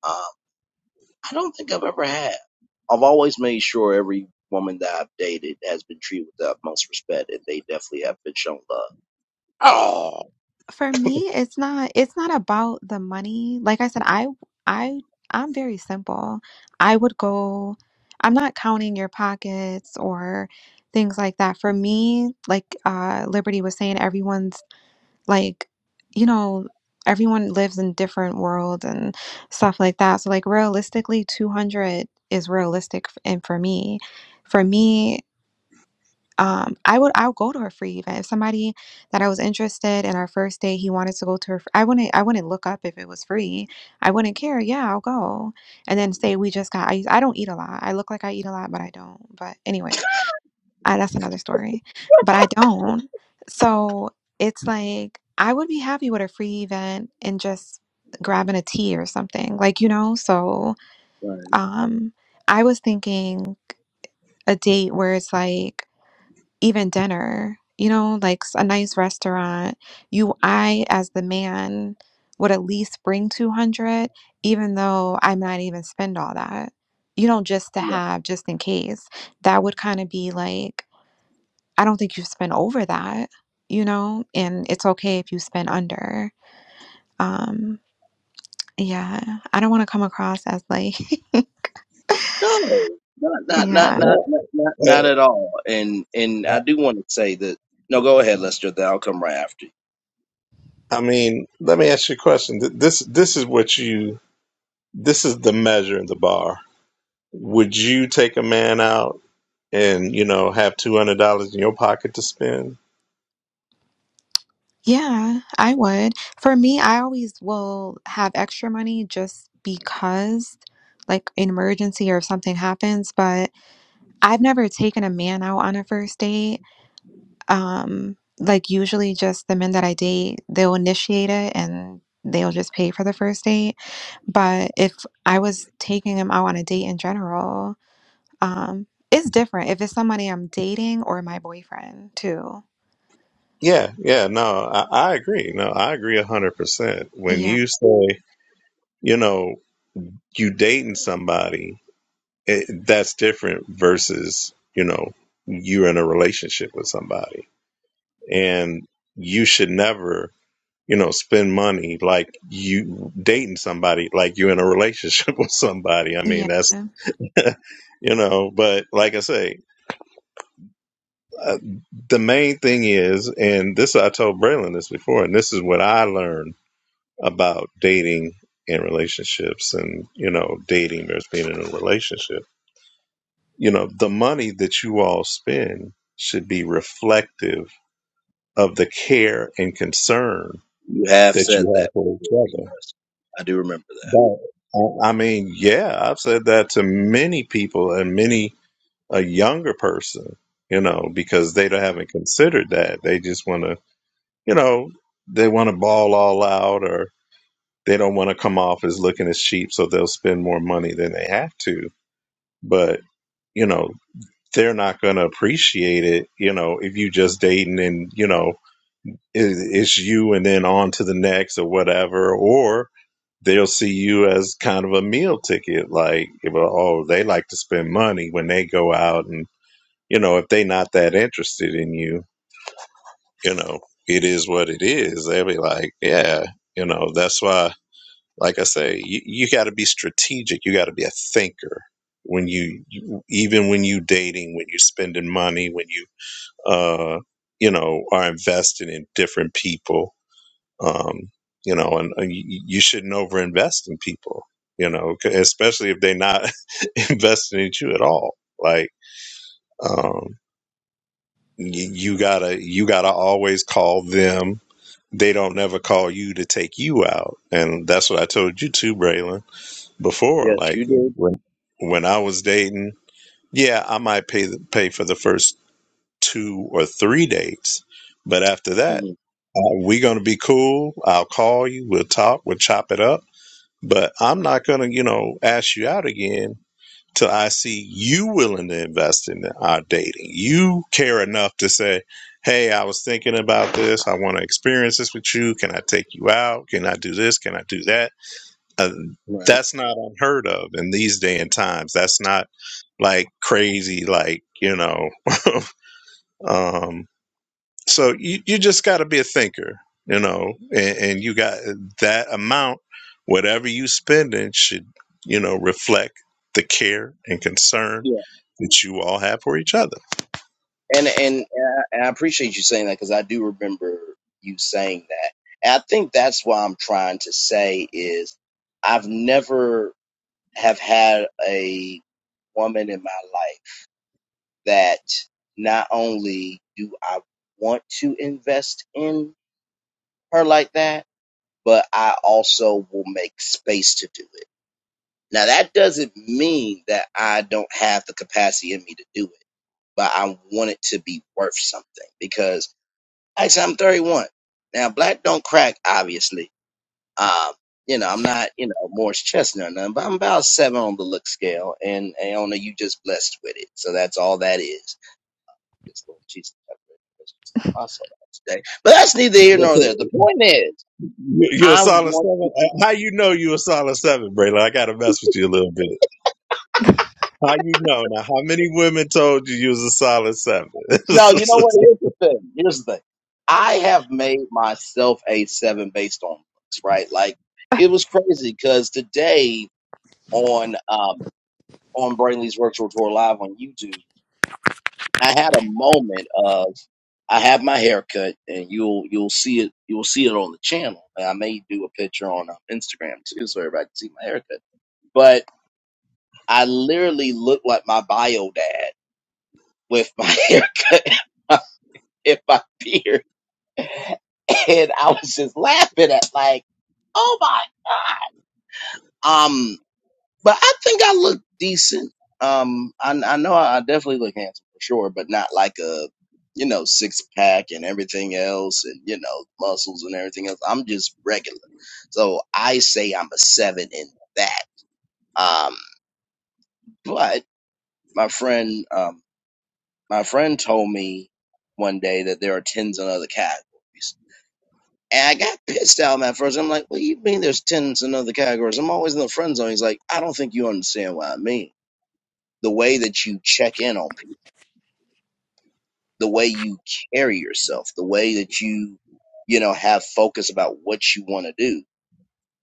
Speaker 1: um, I don't think I've ever had. I've always made sure every woman that I've dated has been treated with the utmost respect and they definitely have been shown love. Um,
Speaker 4: Oh.
Speaker 3: for me it's not it's not about the money like i said i i i'm very simple i would go i'm not counting your pockets or things like that for me like uh liberty was saying everyone's like you know everyone lives in different worlds and stuff like that so like realistically 200 is realistic f- and for me for me um, I would I'll go to her free event. If somebody that I was interested in our first date, he wanted to go to her, fr- I wouldn't I wouldn't look up if it was free. I wouldn't care. Yeah, I'll go. And then say we just got. I I don't eat a lot. I look like I eat a lot, but I don't. But anyways, I, that's another story. But I don't. So it's like I would be happy with a free event and just grabbing a tea or something like you know. So
Speaker 1: Right.
Speaker 3: um, I was thinking a date where it's like even dinner, you know, like s- a nice restaurant, you I as the man would at least bring 200 even though I might even spend all that. You know, just to have just in case. That would kind of be like I don't think you spend over that, you know, and it's okay if you spend under. Um yeah, I don't want to come across as like (laughs)
Speaker 1: No, not not
Speaker 3: yeah.
Speaker 1: not not
Speaker 4: Well,
Speaker 1: not not, not
Speaker 4: eh,
Speaker 1: at all. And and I do want to say that no, go ahead, Lester. that I'll come right after you.
Speaker 4: I mean, let me ask you a question. Th- This this is what you this is the measure of the bar. Would you take a man out and you know have two hundred dollars in your pocket to spend?
Speaker 3: Yeah, I would. For me, I always will have extra money just because, like, an emergency or if something happens. But I've never taken a man out on a first date. Um, like, usually just the men that I date, they'll initiate it and they'll just pay for the first date. But if I was taking him out on a date in general, um, it's different if it's somebody I'm dating or my boyfriend, too.
Speaker 4: Yeah, yeah. No, I, I agree. No, I agree a hundred percent. When
Speaker 3: Yeah,
Speaker 4: you say you know you dating somebody, it, that's different versus you know you're in a relationship with somebody, and you should never you know, spend money like you dating somebody, like you're in a relationship (laughs) with somebody. I mean, that's,
Speaker 3: yeah.
Speaker 4: (laughs) you know, but like I say, uh, the main thing is, and this I told Braylon this before, and this is what I learned about dating and relationships and, you know, dating versus being in a relationship. You know, the money that you all spend should be reflective of the care and concern
Speaker 1: You have
Speaker 4: that
Speaker 1: said
Speaker 4: you
Speaker 1: that
Speaker 4: have for each
Speaker 1: before.
Speaker 4: other
Speaker 1: Yes, I do remember that.
Speaker 4: But I, I mean, yeah, I've said that to many people and many a younger person, you know, because they don't, haven't considered that. They just want to, you know, they want to ball all out or they don't want to come off as looking as cheap, so they'll spend more money than they have to. But, you know, they're not going to appreciate it, you know, if you just dating and, you know, it, it's you and then on to the next or whatever, or they'll see you as kind of a meal ticket. Like, if, oh, they like to spend money when they go out, and you know, if they not that interested in you, you know, it is what it is. They'll be like, yeah, you know, that's why. Like I say, you, you got to be strategic. You got to be a thinker when you, you, even when you dating, when you spending money, when you, uh, you know, are investing in different people um, you know, and uh, y- you shouldn't overinvest in people, you know, c- especially if they're not (laughs) investing in you at all. Like, um, y- you gotta, you gotta always call them. They don't never call you to take you out, and that's what I told you too, Braylon, before.
Speaker 1: Yes,
Speaker 4: Like
Speaker 1: you did.
Speaker 4: when when I was dating, yeah, I might pay the, pay for the first two or three dates, but after that,
Speaker 1: hmm
Speaker 4: uh, we gonna be cool. I'll call you. We'll talk. We'll chop it up But I'm not going to, you know, ask you out again till I see you willing to invest in our dating. You care enough to say, hey, I was thinking about this. I want to experience this with you. Can I take you out? Can I do this? Can I do that? Uh,
Speaker 1: Right.
Speaker 4: that's not unheard of in these day and times. That's not like crazy, like, you know, (laughs) um, so you, you just got to be a thinker you know and, and you got uh, that amount whatever you spending should you know reflect the care and concern
Speaker 1: Yeah.
Speaker 4: that you all have for each other
Speaker 1: And and uh, and I appreciate you saying that because I do remember you saying that. And I think that's what I'm trying to say is I've never have had a woman in my life that not only do I want to invest in her like that, but I also will make space to do it. Now, that doesn't mean that I don't have the capacity in me to do it, but I want it to be worth something because actually I'm 31. Now, black don't crack, obviously. Um, you know, I'm not, you know, Morris Chestnut or nothing, but I'm about seven on the look scale and, and on the you just blessed with it. So that's all that is. this, Lord Jesus. I pray for my soul today. But that's neither here nor there. The
Speaker 4: You-
Speaker 1: point is,
Speaker 4: you're a
Speaker 1: I
Speaker 4: solid
Speaker 1: want,
Speaker 4: seven Uh, how you know you're a solid seven braylon i gotta mess with you a little bit how you know now how many women told you you was a solid seven
Speaker 1: no, you know what? Here's the thing. Here's the thing. I have made myself a
Speaker 4: (laughs)
Speaker 1: seven based on looks, right? Like, it was crazy because today on, um, on Brainley's Virtual Tour Live on YouTube, I had a moment of, I have my haircut, and you'll you'll see it you'll see it on the channel. And I may do a picture on um, Instagram too, so everybody can see my haircut. But I literally look like my bio dad with my haircut (laughs) and my, beard. And I was just laughing at like, oh my God. Um, but I think I look decent. Um, I, I know I, I definitely look handsome for sure, but not like a, you know, six pack and everything else and, you know, muscles and everything else. I'm just regular. So I say I'm a seven in that. Um, but my friend, um, My friend told me one day that there are tens in other categories. And I got (laughs) pissed out at first. I'm like, what do you mean there's tens in other categories? I'm always in the friend zone. He's like, I don't think you understand what I mean. The way that you check in on people, the way you carry yourself, the way that you, you know, have focus about what you want to do.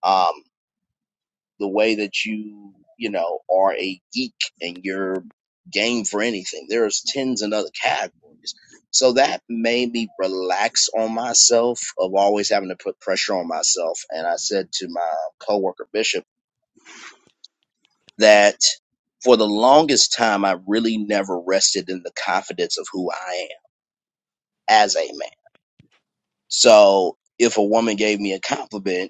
Speaker 1: Um, the way that you, you know, are a geek and you're game for anything. There's tens and other categories. So that made me relax on myself of always having to put pressure on myself. And I said to my coworker Bishop that for the longest time I really never rested in the confidence of who I am as a man. So if a woman gave me a compliment,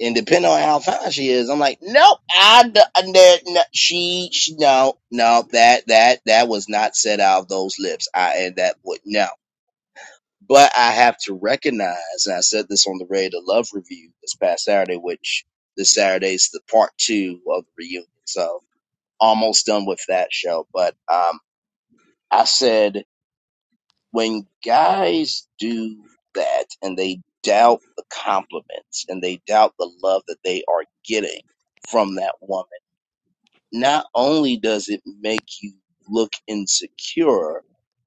Speaker 1: and depending on how fine she is, I'm like, nope, I, d- I- n- n- she, she, no, no, that, that, that was not said out of those lips. I, and that would, no. But I have to recognize, and I said this on the Ready to Love review this past Saturday, which this Saturday's the part two of the reunion. So almost done with that show. But, um, I said when guys do that and they doubt the compliments and they doubt the love that they are getting from that woman, not only does it make you look insecure,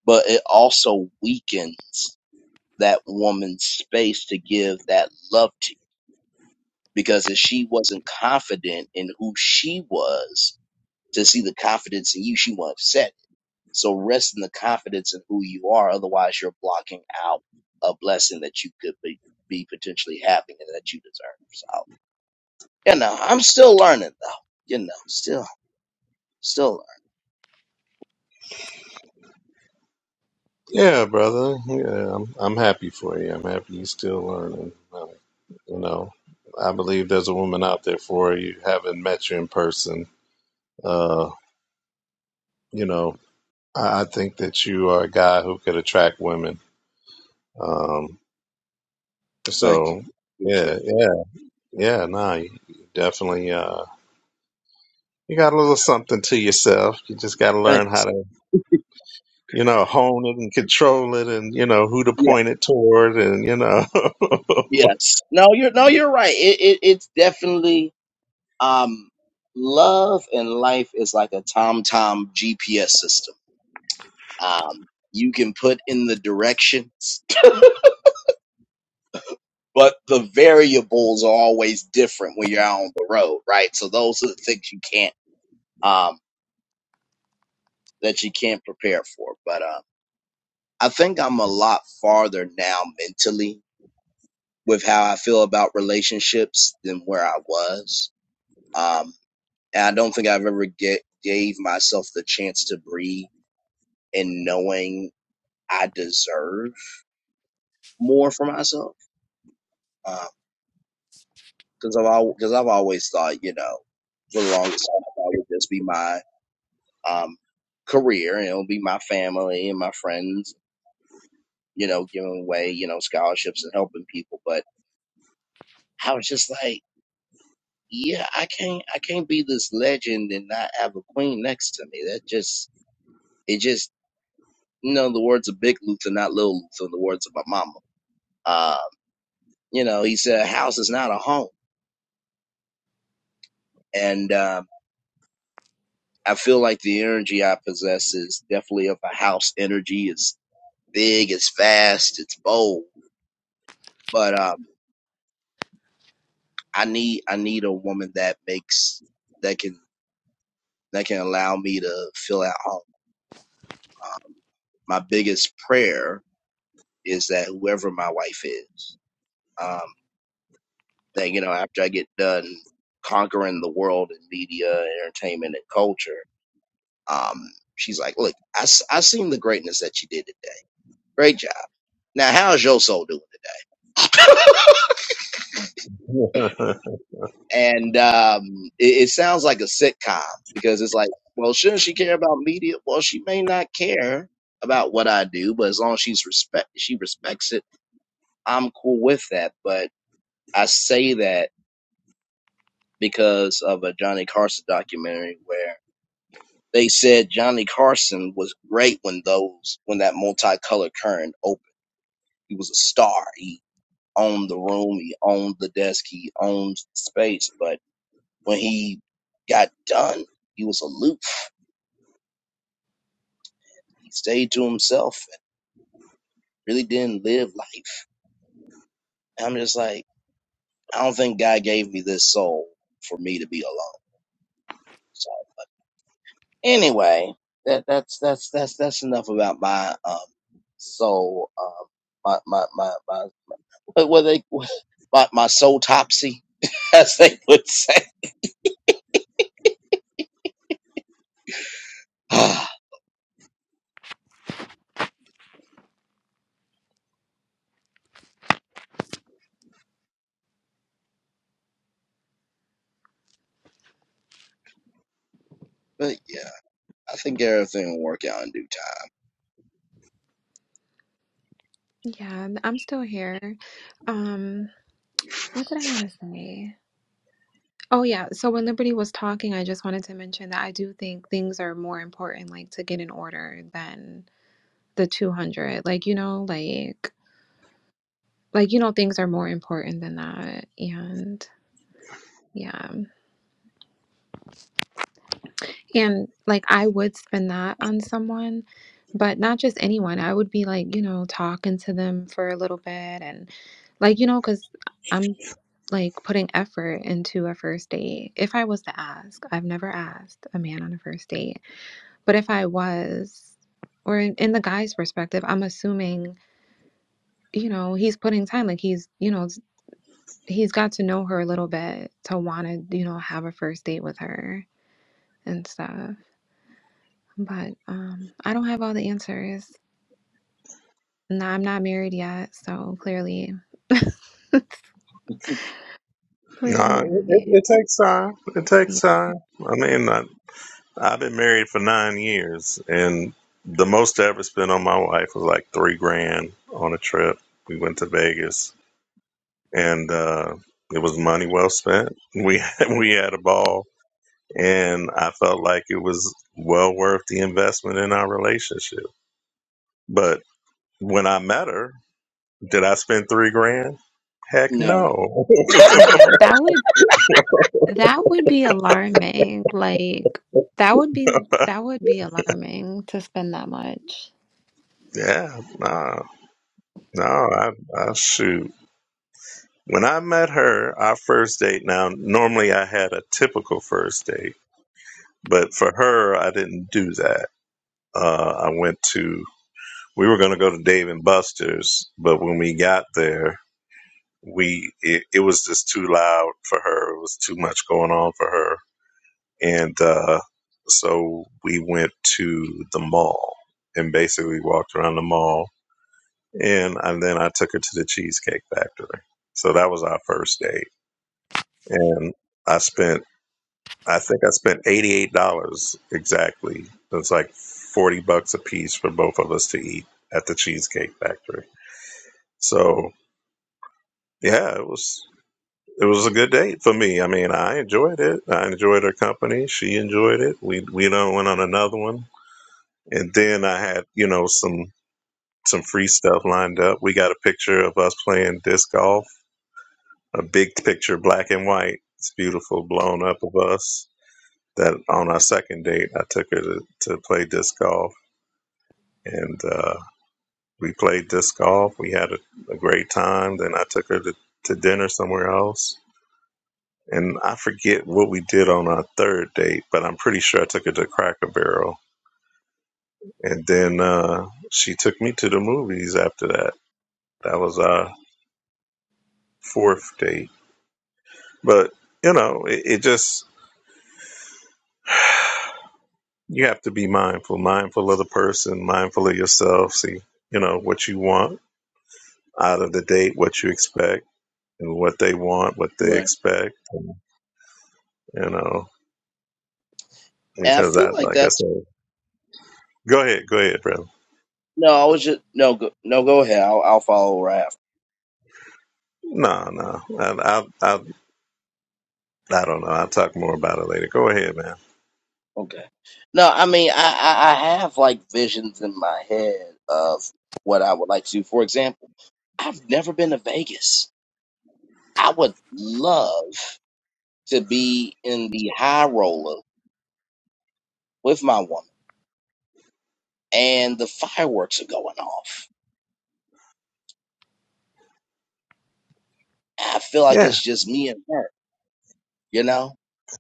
Speaker 1: but it also weakens that woman's space to give that love to you. Because if she wasn't confident in who she was to see the confidence in you, she won't accept. it. So rest in the confidence in who you are. Otherwise, you're blocking out a blessing that you could be, be potentially having and that you deserve. So, you know, I'm still learning though. You know, still, still
Speaker 4: Yeah, brother. Yeah, I'm, I'm happy for you. I'm happy you're still learning. Uh, you know, I believe there's a woman out there for you. Haven't met you in person. Uh, you know, I, I think that you are a guy who could attract women. Um,
Speaker 1: learning. Thank you.
Speaker 4: so
Speaker 1: Appreciate
Speaker 4: yeah,
Speaker 1: it.
Speaker 4: yeah, yeah. Nah, you you definitely. Uh, you got a little something to yourself. You just got to
Speaker 1: Thank you.
Speaker 4: learn how
Speaker 1: Sir.
Speaker 4: to, you know, hone it and control it, and you know who to
Speaker 1: Yeah.
Speaker 4: point it toward, and you know.
Speaker 1: Yes. No, you're, no, you're right. It, it, it's definitely, um, love and life is like a TomTom GPS system. Um, you can put in the directions but the variables are always different when you're out on the road, right? So those are the things you can't um that you can't prepare for. But uh, I think I'm a lot farther now mentally with how I feel about relationships than where I was. Um, and I don't think I've ever get, gave myself the chance to breathe and knowing I deserve more for myself. Because I've because I've always thought, you know, for the longest time, I thought it would just be my um, career. and It'll be my family and my friends, you know, giving away, you know, scholarships and helping people. But I was just like, yeah, I can't, I can't be this legend and not have a queen next to me. That just, it just, you know, the words of Big Luther, not Little Luther, the words of my mama. Uh, you know, he said, a house is not a home. And, um, I feel like the energy I possess is definitely of a house energy. It's big, it's fast, it's bold. But, um, I need I need a woman that makes that can that can allow me to feel at home. Um, my biggest prayer is that whoever my wife is, um, that you know, after I get done conquering the world in media, entertainment, and culture, um, she's like, "Look, I s- I seen the greatness that you did today. Great job. Now, how's your soul doing today?" (laughs)
Speaker 4: (laughs)
Speaker 1: and um, it, it sounds like a sitcom because it's like, well, shouldn't she care about media? Well, she may not care about what I do, but as long as she's respect, she respects it. I'm cool with that. But I say that because of a Johnny Carson documentary where they said Johnny Carson was great when those when that multicolored current opened. He was a star. He owned the room. He owned the desk. He owned the space. But when he got done, he was aloof He stayed to himself and really didn't live life. And I'm just like, I don't think God gave me this soul for me to be alone. So, but anyway, that that's that's that's that's enough about my um soul um my my my, my what what were they my my soul topsy (laughs) as they would say. (sighs) but yeah, I think everything will work out in due time.
Speaker 3: Yeah, I'm I'm still here. Um, what did I want to say? Oh yeah, so when Liberty was talking, I just wanted to mention that I do think things are more important like to get in order than the 200. Like, you know, like like you know things are more important than that and yeah. And like I would spend that on someone, but not just anyone. I would be like, you know, talking to them for a little bit and like, you know, cuz like putting effort into a first date. If I was to ask, I've never asked a man on a first date, but if I was, or in, in the guy's perspective, I'm assuming, you know, he's putting time, like he's, you know, he's got to know her a little bit to want to, you know, have a first date with her and stuff. But um, I don't have all the answers. No, I'm not married yet, so clearly, (laughs)
Speaker 4: Nah,
Speaker 3: clearly,
Speaker 4: it, it
Speaker 3: I,
Speaker 4: it takes time. It
Speaker 3: yeah,
Speaker 4: takes time. I mean, I, I've been married for nine years, and the most I ever spent on my wife was like three grand on a trip. We went to Vegas, and uh, it was money well spent. We (laughs) we had a ball, and I felt like it was well worth the investment in our relationship. But when I met her, did I spend three grand? Heck
Speaker 1: No,
Speaker 4: no.
Speaker 3: yeah, that would That would be alarming. Like that would be
Speaker 4: (laughs)
Speaker 3: that would be alarming to spend that much.
Speaker 4: yeah, nah. No, I, I shoot. When I met her, our first date. Now, normally I had a typical first date, but for her, I didn't do that. Uh, I went to. We were going to go to Dave and Buster's, but when we got there, we it, it was just too loud for her. It was too much going on for her, and uh, so we went to the mall and basically walked around the mall, and and then I took her to the Cheesecake Factory. So that was our first date and I spent I think I spent eighty eight dollars exactly. It's like forty bucks a piece for both of us to eat at the Cheesecake Factory. So yeah, it was it was a good date for me. I mean, I enjoyed it. I enjoyed her company. She enjoyed it. We we done went on another one, and then I had you know some some free stuff lined up. We got a picture of us playing disc golf, a big picture, black and white. It's beautiful, blown up of us that on our second date, I took her to, to play disc golf, and uh, we played disc golf. We had a, a great time. Then I took her to, to dinner somewhere else, and I forget what we did on our third date, but I'm pretty sure I took her to Cracker Barrel, and then uh, she took me to the movies after that. That was our fourth date, but you know, it, it just you have to be mindful, mindful of the person, mindful of yourself. See, you know what you want out of the date what you expect and what they want, what they
Speaker 1: right.
Speaker 4: expect, and, you know,
Speaker 1: And I
Speaker 4: because
Speaker 1: feel
Speaker 4: that,
Speaker 1: like
Speaker 4: like I
Speaker 1: that's
Speaker 4: said, go ahead, go ahead, brother.
Speaker 1: no. I was just no go no go ahead. I'll, I'll follow right
Speaker 4: No, no, I, I, I, I don't know. I'll talk more about it later. Go ahead, man.
Speaker 1: Okay. No, I mean, I, I, I have like visions in my head of what I would like to do. For example, I've never been to Vegas. I would love to be in the high roller with my woman and the fireworks are going off. I feel like
Speaker 4: Yeah,
Speaker 1: it's just me and her, you know?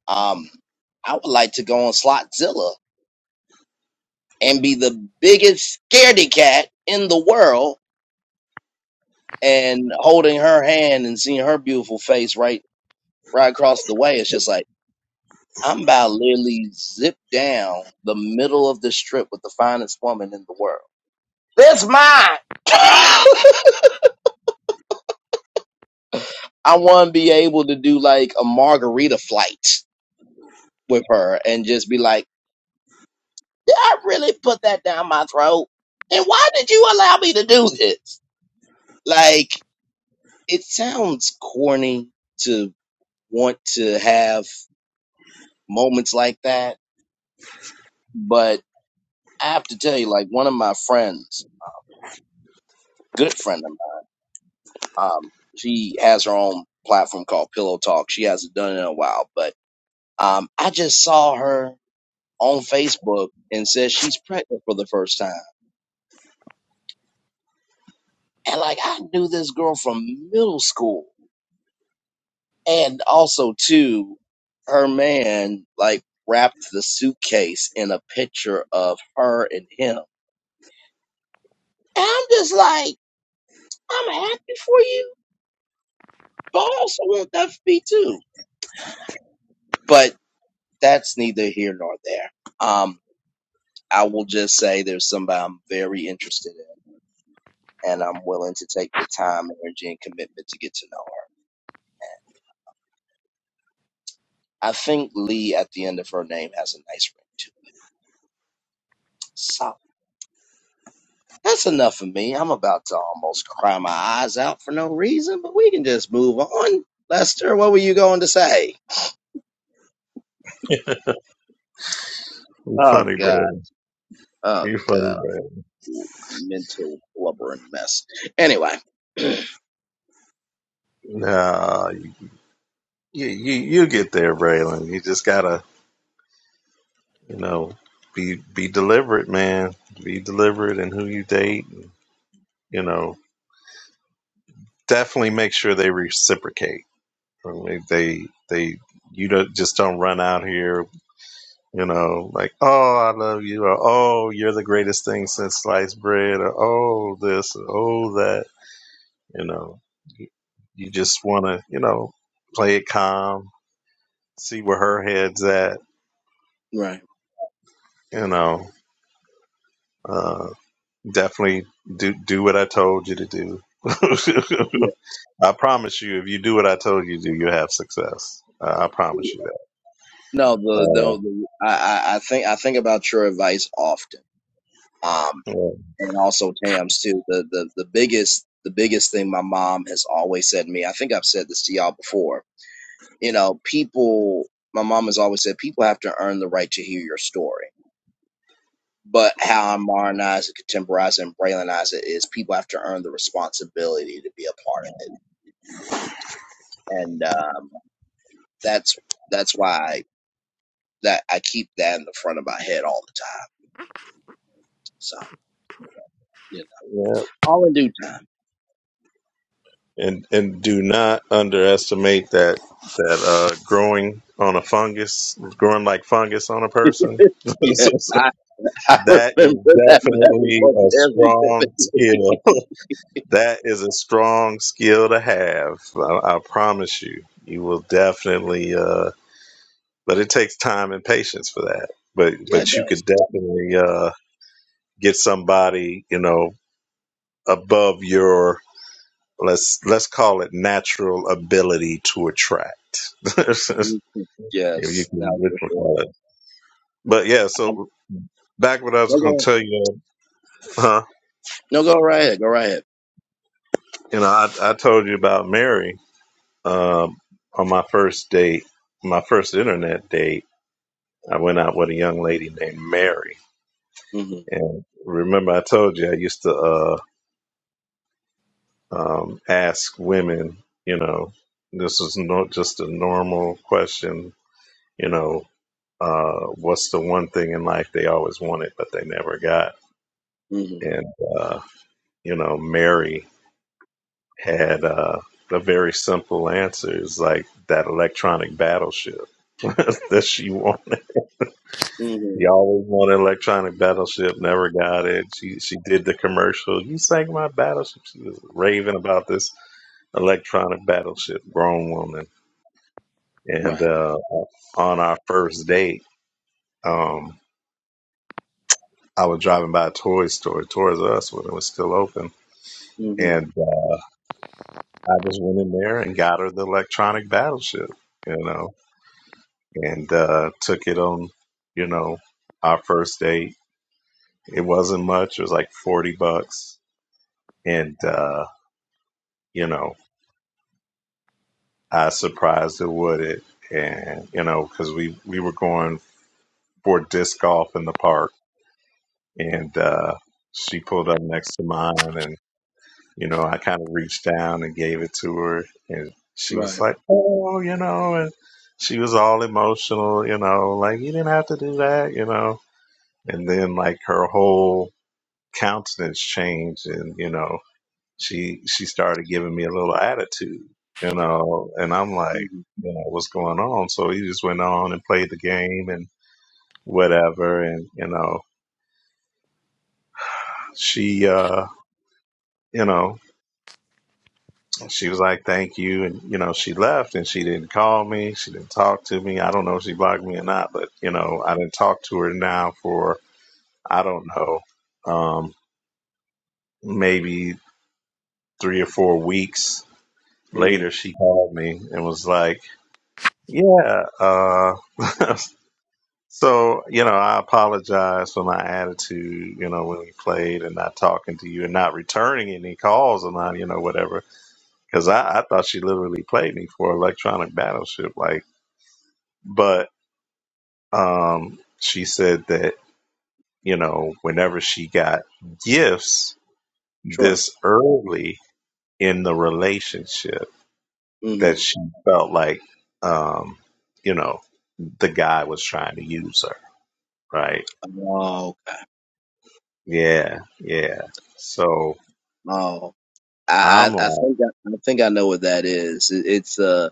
Speaker 1: Um, I would like to go on Slotzilla and be the biggest scaredy cat in the world and holding her hand and seeing her beautiful face right right across the way. It's just like I'm about to literally zip down the middle of the strip with the finest woman in the world. That's mine. (laughs) I want to be able to do like a margarita flight with her and just be like, "Did I really put that down my throat? And why did you allow me to do this?" Like it sounds corny to want to have moments like that, but I have to tell you, like one of my friends, good friend of mine Um, she has her own platform called Pillow Talk. She hasn't done it in a while, but um, I just saw her on Facebook and says she's pregnant for the first time. And like I knew this girl from middle school, and also too, her man like wrapped the suitcase in a picture of her and him. And I'm just like, I'm happy for you, but I also want that for me too. But that's neither here nor there. Um, I will just say there's somebody I'm very interested in, and I'm willing to take the time, energy, and commitment to get to know her. I think Lee at the end of her name has a nice ring too. So that's enough for me. I'm about to almost cry my eyes out for no reason, but we can just move on. Lester, what were you going to say?
Speaker 4: you
Speaker 1: Oh
Speaker 4: funny,
Speaker 1: God,
Speaker 4: Braylon.
Speaker 1: oh
Speaker 4: You
Speaker 1: God,
Speaker 4: funny, Braylon.
Speaker 1: mental blubbering mess. Anyway, (clears throat)
Speaker 4: Nah, you, you, you get there, Braylon. You just gotta, you know, be, be deliberate, man. Be deliberate in who you date. You know, definitely make sure they reciprocate I mean, they they you don't just don't run out here, you know, like oh I love you, or oh you're the greatest thing since sliced bread, or oh this, or oh that, you know. You, you just want to, you know, play it calm, see where her head's at,
Speaker 1: right.
Speaker 4: you know. Uh, definitely do do what I told you to do. (laughs)
Speaker 1: Yeah.
Speaker 4: I promise you, if you do what I told you to do, you have success. Uh, I promise you
Speaker 1: No, the
Speaker 4: that.
Speaker 1: no, the, I, I I think I think about your advice often. Um.
Speaker 4: Uh, yeah.
Speaker 1: and also Tams too. The the the biggest the biggest thing my mom has always said to me. I think I've said this to y'all before. You know, people. My mom has always said people have to earn the right to hear your story. But how I modernize it, contemporize it, and Braylonize it is people have to earn the responsibility to be a part of it, and um, that's that's why I, that I keep that in the front of my head all the time. So you know,
Speaker 4: yeah.
Speaker 1: all in due time.
Speaker 4: and and do not underestimate that that uh, growing on a fungus, growing like fungus on a
Speaker 1: (laughs)
Speaker 4: person. (laughs)
Speaker 1: yeah,
Speaker 4: So- so
Speaker 1: (laughs) I
Speaker 4: that is
Speaker 1: remember that
Speaker 4: definitely
Speaker 1: metaphor
Speaker 4: a
Speaker 1: very
Speaker 4: strong
Speaker 1: vividly. (laughs)
Speaker 4: skill. That is a strong skill to have. I, I promise you, you will definitely. Uh, but it takes time and patience for that. But
Speaker 1: Yeah, it
Speaker 4: but you
Speaker 1: does.
Speaker 4: could definitely uh, get somebody you know above your let's let's call it natural ability to attract (laughs) if
Speaker 1: Mhm.
Speaker 4: you
Speaker 1: Yes,
Speaker 4: can
Speaker 1: now
Speaker 4: which
Speaker 1: for
Speaker 4: we
Speaker 1: sure.
Speaker 4: call it but yeah
Speaker 1: I-
Speaker 4: so back what i was
Speaker 1: No,
Speaker 4: going to
Speaker 1: go,
Speaker 4: tell you huh
Speaker 1: no, go right ahead. Go right ahead.
Speaker 4: you know i, I told you about mary um, on my first date my first internet date i went out with a young lady named mary
Speaker 1: hmm
Speaker 4: and remember i told you i used to uh, um, ask women you know this was not just a normal question you know Uh, what's the one thing in life they always wanted but they never got?
Speaker 1: hmm
Speaker 4: And uh, you know, Mary had uh, a very simple answer. It's like that electronic battleship (laughs) that she wanted.
Speaker 1: hmm
Speaker 4: She always wanted an electronic battleship, never got it. She she did the commercial. You sank my battleship. She was raving about this electronic battleship, grown woman. And
Speaker 1: Right.
Speaker 4: uh, on our first date, um, I was driving by a toy store, Toys R Us, when it was still open,
Speaker 1: hmm
Speaker 4: and uh, I just went in there and got her the electronic battleship, you know, and uh, took it on, you know, our first date. It wasn't much; it was like forty bucks, and uh, you know, I surprised her with it, and you know, because we we were going for disc golf in the park, and uh, she pulled up next to mine, and you know, I kind of reached down and gave it to her, and she was
Speaker 1: Right.
Speaker 4: like, "Oh, you know," and she was all emotional, you know, like you didn't have to do that, you know. And then like her whole countenance changed, and you know, she she started giving me a little attitude, you know, and I'm like,
Speaker 1: hmm
Speaker 4: you know, what's going on? So he just went on and played the game and whatever, and you know, she, uh, you know. And she was like, "Thank you," and you know, she left and she didn't call me. She didn't talk to me. I don't know if she blocked me or not, but you know, I didn't talk to her now for I don't know, um, maybe three or four weeks
Speaker 1: hmm
Speaker 4: later. She called me and was like, "Yeah." Uh, (laughs) so you know, I apologize for my attitude. You know, when we played and not talking to you and not returning any calls and not you know whatever. Because I, I thought she literally played me for Electronic Battleship, like But um, she said that, you know, whenever she got gifts
Speaker 1: Sure.
Speaker 4: this early in the relationship,
Speaker 1: hmm
Speaker 4: that she felt like, um, you know, the guy was trying to use her. Right.
Speaker 1: Oh, okay.
Speaker 4: Yeah. Yeah. So
Speaker 1: Oh, I,
Speaker 4: I'm
Speaker 1: I, I
Speaker 4: like,
Speaker 1: think I, I think I know what that is. It, it's a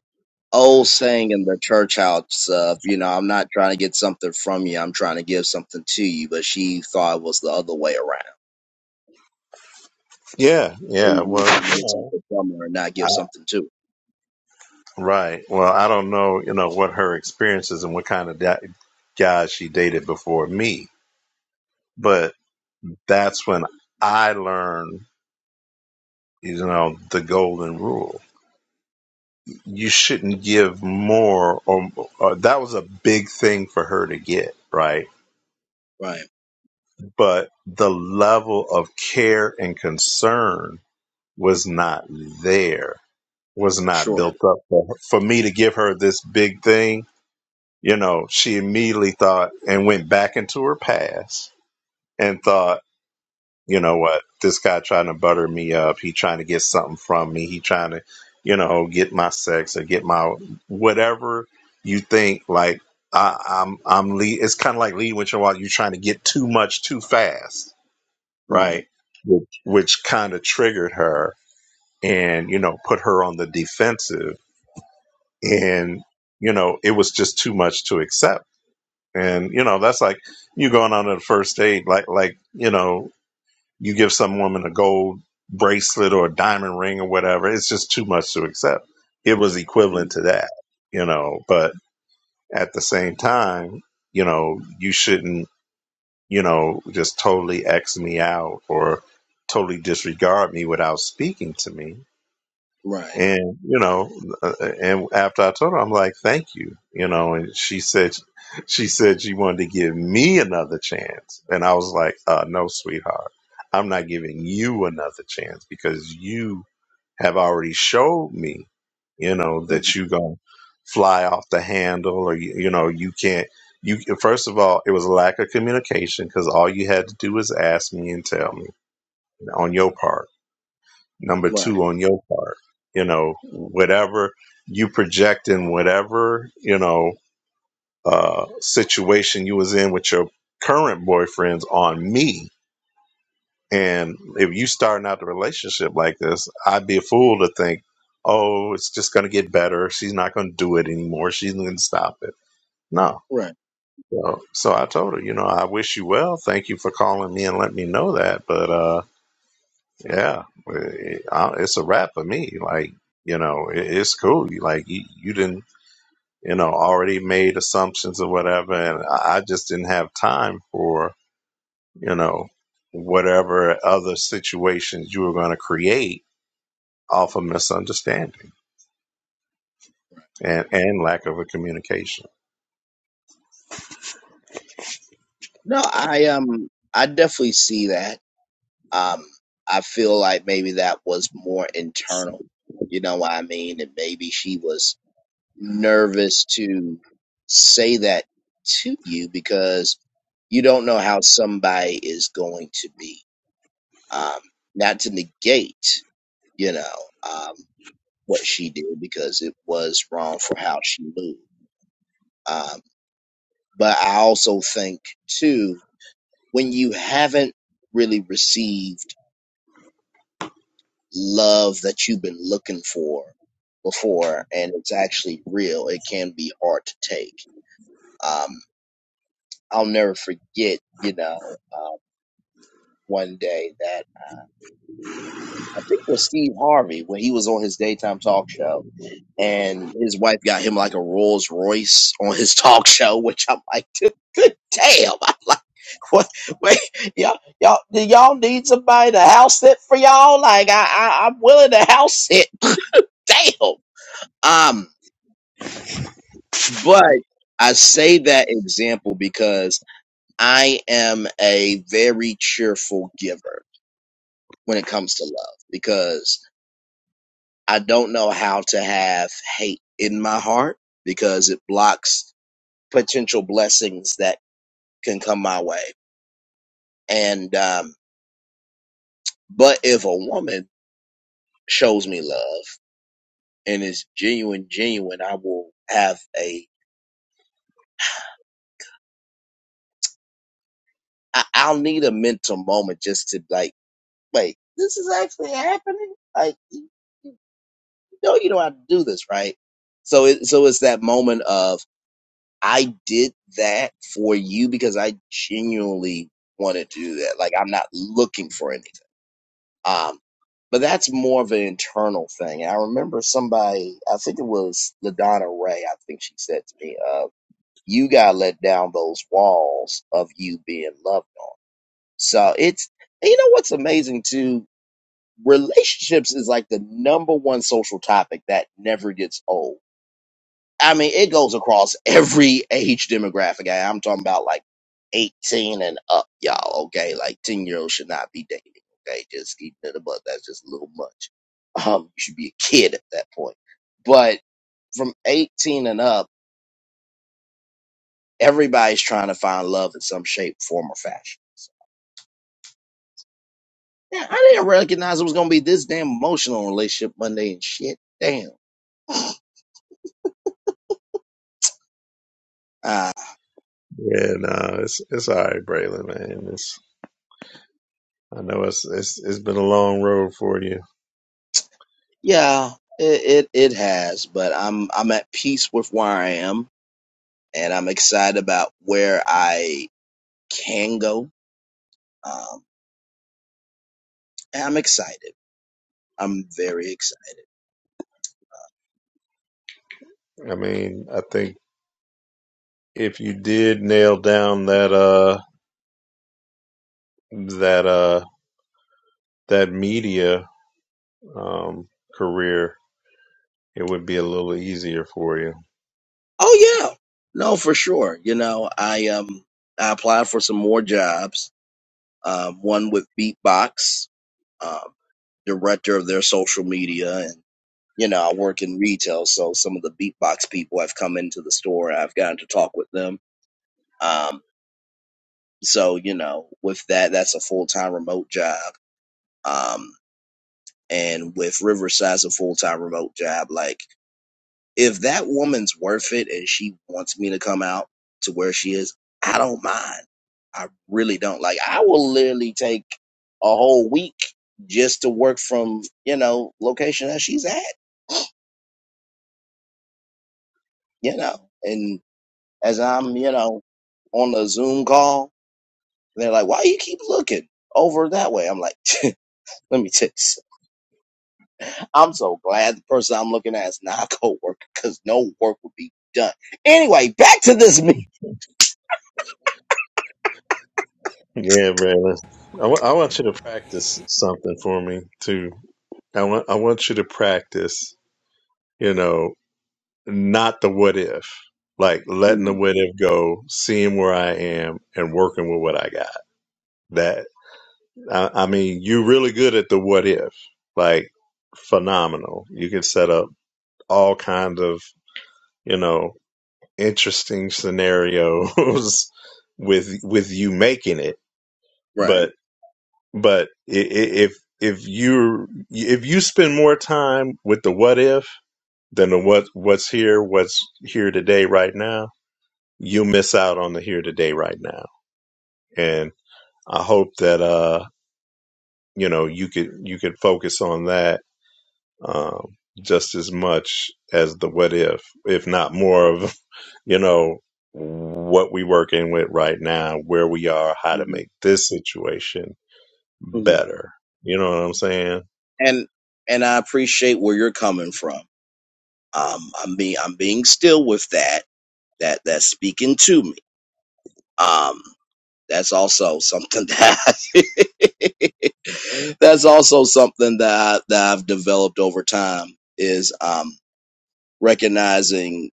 Speaker 1: old saying in the church house of, you know, I'm not trying to get something from you. I'm trying to give something to you. But she thought it was the other way around.
Speaker 4: yeah. Yeah.
Speaker 1: You were
Speaker 4: Well,
Speaker 1: trying to
Speaker 4: you
Speaker 1: get
Speaker 4: know,
Speaker 1: something from her and not
Speaker 4: I,
Speaker 1: give something to
Speaker 4: right. Well, I don't know, you know, what her experiences and what kind of da- guys she dated before me, but that's when I learned you know the golden rule you shouldn't give more or uh, that was a big thing for her to get right
Speaker 1: her. Right.
Speaker 4: but the level of care and concern was not there was not
Speaker 1: Sure.
Speaker 4: built up for, her. for me to give her this big thing you know she immediately thought and went back into her past and thought you know what, this guy trying to butter me up. He trying to get something from me. He trying to, you know, get my sex or get my whatever you think. Like I, I'm, I'm. Le- it's kind of like lead with your wallet. You're trying to get too much too fast, right?
Speaker 1: Right.
Speaker 4: Which, which kind of triggered her and you know put her on the defensive. And you know it was just too much to accept. And you know that's like you going on a first date, like like you know you give some woman a gold bracelet or a diamond ring or whatever, it's just too much to accept. It was equivalent
Speaker 1: Mhm.
Speaker 4: to that, you know, but at the same time, you know, you shouldn't, you know, just totally X me out or totally disregard me without speaking to me
Speaker 1: Right.
Speaker 4: and you know, uh, and after I told her, I'm like, "Thank you," you know. And she said, she said she wanted to give me another chance, and I was like, uh, "No, sweetheart, I'm not giving you another chance because you have already showed me, you know, that
Speaker 1: Mhm.
Speaker 4: you gonna fly off the handle, or you, you know, you can't." You first of all, it was a lack of communication because all you had to do was ask me and tell me on your part number two
Speaker 1: Right.
Speaker 4: on your part you know whatever you project in whatever you know uh situation you was in with your current boyfriends on me and if you starting out the relationship like this i'd be a fool to think oh it's just going to get better she's not going to do it anymore she's going to stop it no
Speaker 1: Right.
Speaker 4: so, so i told her you know i wish you well thank you for calling me and let me know that but uh Yeah, It- I- it's a wrap for me. Like, you know, it, it's cool. You- Like, you, you didn't, you know, already made assumptions or whatever, and I I just didn't have time for, you know, whatever other situations you were going to create off of misunderstanding and and lack of a communication.
Speaker 1: No, I um I definitely see that. Um I feel like maybe that was more internal. You know what I mean? And maybe she was nervous to say that to you because you don't know how somebody is going to be. Um, not to negate, you know. um, what she did because it was wrong for how she moved. Um, but I also think too, when you haven't really received love that you've been looking for before, and it's actually real, it can be hard to take. Um, I'll never forget, you know, uh, one day that I think it was Steve Harvey when he was on his daytime talk show and his wife got him like a Rolls Royce on his (laughs) talk show, which I'm like, good, good damn. (laughs) I'm like, what? Wait, y'all, y'all, do y'all need somebody to house sit for y'all? Like, I, I, I'm willing to house sit. (laughs) damn. Um, but I say that example because I am a very cheerful giver when it comes to love because I don't know how to have hate in my heart because it blocks potential blessings that can come my way. And um, but if a woman shows me love and is genuine, genuine, I will have a. I, I'll need a mental moment just to like, wait, this is actually happening. Like, you, you know, you know how to do this, right? So, it, so it's that moment of I did that for you because I genuinely wanted to do that. Like, I'm not looking for anything Um, but that's more of an internal thing. I remember somebody, I think it was LaDonna Ray, I think she said to me, uh, you gotta let down those walls of you being loved on. So it's, and you know what's amazing too? Relationships is like the number one social topic that never gets old I mean, it goes across every age demographic. I- I'm talking about like 18 and up, y'all. Okay, like 10 year olds should not be dating. Okay, just keep it above. That's just a little much. Um, you should be a kid at that point. But from 18 and up, everybody's trying to find love in some shape, form, or fashion. So, Yeah, I didn't recognize it was gonna be this damn emotional relationship Monday and shit. Damn. Uh,
Speaker 4: Yeah, no, it's it's all right, Braylon, man. It's. I know it's it's it's been a long road for you.
Speaker 1: yeah, it, it it has, but I'm I'm at peace with where I am and I'm excited about where I can go. Um, and I'm excited. I'm very excited.
Speaker 4: I mean, I think if you did nail down that uh that uh that media um career, it would be a little easier for you.
Speaker 1: Oh yeah, no, for sure. You know, I um, I applied for some more jobs. Um, one with Beatbox, um, director of their social media, and you know, I work in retail, so some of the Beatbox people have come into the store. and I've gotten to talk with them. Um, so you know, with that, that's a full time remote job. Um, and with Riverside's a full time remote job, like if that woman's worth it and she wants me to come out to where she is, I don't mind. I really don't. Like I will literally take a whole week just to work from, you know, location that she's at, you know. And as I'm, you know, on the Zoom call, they're like, Why you keep looking over that way? I'm like, (laughs) let me tell you. I'm so glad the person I'm looking at is not a coworker because no work would be done. Anyway, back to this
Speaker 4: Yeah, Brandon. I wa- I want you to practice something for me too. I want I want you to practice. You know. not the what if, like letting the
Speaker 1: meeting,
Speaker 4: what if go, seeing where I am, and working with what I got. That I, I mean, you are really good at the what if, like phenomenal. You can set up all kinds of you know interesting scenarios (laughs) with with you making it,
Speaker 1: right?
Speaker 4: but but i- i- if if you if you spend more time with the what if than the what what's here what's here today right now you'll miss out on the here today right now. And I hope that uh you know you could you could focus on that um just as much as the what if, if not more of (laughs) you know what we working with right now, where we are, how to
Speaker 1: hmm
Speaker 4: make this situation
Speaker 1: hmm
Speaker 4: better. You know what I'm saying?
Speaker 1: And and I appreciate where you're coming from. Um, I'm being I'm being still with that that that's speaking to me. Um, that's also something that (laughs) that's also something that I, that I've developed over time is um recognizing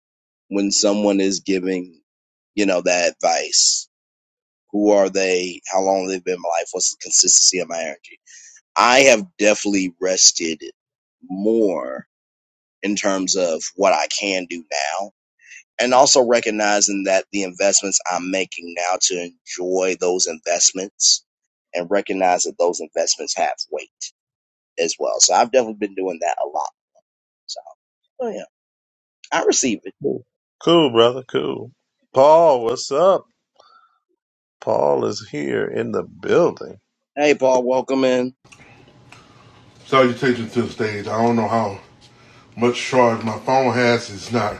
Speaker 1: when someone is giving you know that advice Who are they? How long they've been in my life? What's the consistency of my energy? I have definitely rested more in terms of what I can do now. And also recognizing that the investments I'm making now to enjoy those investments and recognize that those investments have weight as well. So I've definitely been doing that a lot. So oh yeah, I receive it.
Speaker 4: Cool, Cool, brother. Cool. Paul, what's up? Paul is here in the building.
Speaker 1: Hey Paul, welcome in.
Speaker 5: Salutations to the stage. I don't know how much charge my phone has. It's not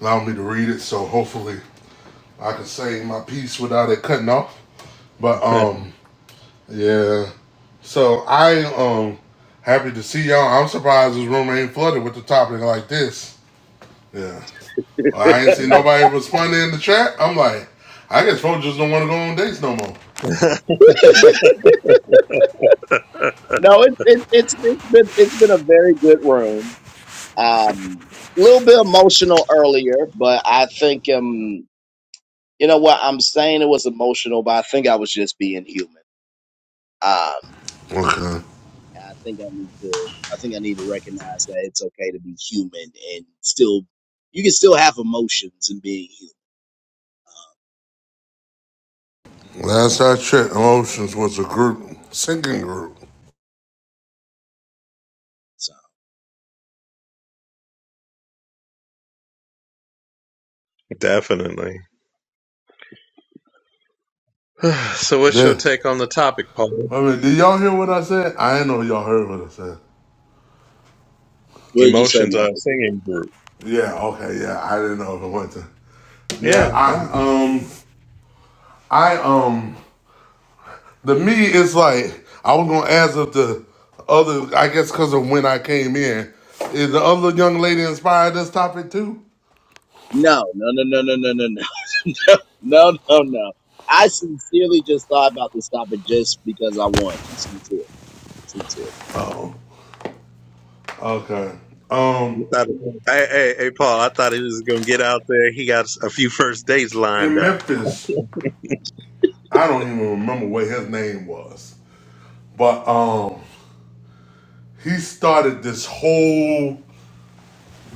Speaker 5: allowing me to read it, so hopefully I can say my piece without it cutting off. But um, yeah. So I um happy to see y'all. I'm surprised this room ain't flooded with the topic like this. Yeah. Well, I ain't seen nobody responding in the chat. I'm like, I guess folks just don't want to go on dates no more.
Speaker 1: No, it, it, it's it's been it's been a very good room. Um, little bit emotional earlier, but I think um, you know what I'm saying. It was emotional, but I think I was just being human. Um,
Speaker 5: Okay.
Speaker 1: I think I need to. I think I need to recognize that it's okay to be human and still, you can still have emotions and being human.
Speaker 5: Last I checked, Emotions was a group, singing group.
Speaker 1: So,
Speaker 4: (laughs) Definitely. (sighs) So, what's your
Speaker 5: Yeah.
Speaker 4: take on the topic, Paul?
Speaker 5: I mean, did y'all hear what I said? I didn't know y'all heard what I said.
Speaker 1: what did you say,
Speaker 4: Emotions
Speaker 1: my
Speaker 4: are a
Speaker 1: dude?
Speaker 4: singing group.
Speaker 5: Yeah, okay, yeah. I didn't know if it went to. Yeah,
Speaker 4: Yeah.
Speaker 5: I um I um the me is like I was gonna ask if the other I guess because of when I came in, is the other young lady inspired this topic too?
Speaker 1: No, no, no, no, no, no, no, no, (laughs) no, no, no. I sincerely just thought about this topic just because I wanted to. Sincerely, sincerely.
Speaker 5: Oh, okay.
Speaker 4: I-
Speaker 5: Um,
Speaker 4: thought, Hey, hey, hey, Paul, I thought he was going to get out there. He got a few first dates lined
Speaker 5: in
Speaker 4: up.
Speaker 5: Memphis, I don't even remember what his name was, but um, he started this whole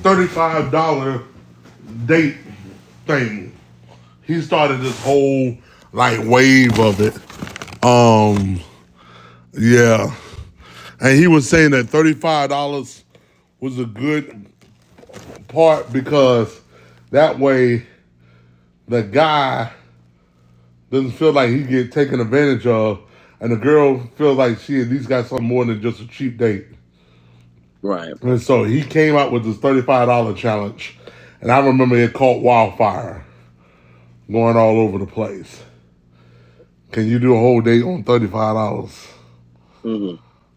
Speaker 5: thirty-five dollar. date thing. He started this whole like wave of it. Um, yeah, and he was saying that thirty five dollars was a good part because that way the guy doesn't feel like he get taken advantage of, and the girl feels like she at least got something more than just a cheap date.
Speaker 1: Right.
Speaker 5: And so he came out with this thirty five dollar challenge, and I remember it caught wildfire going all over the place. Cause you do a whole day on thirty five dollars.
Speaker 1: hmm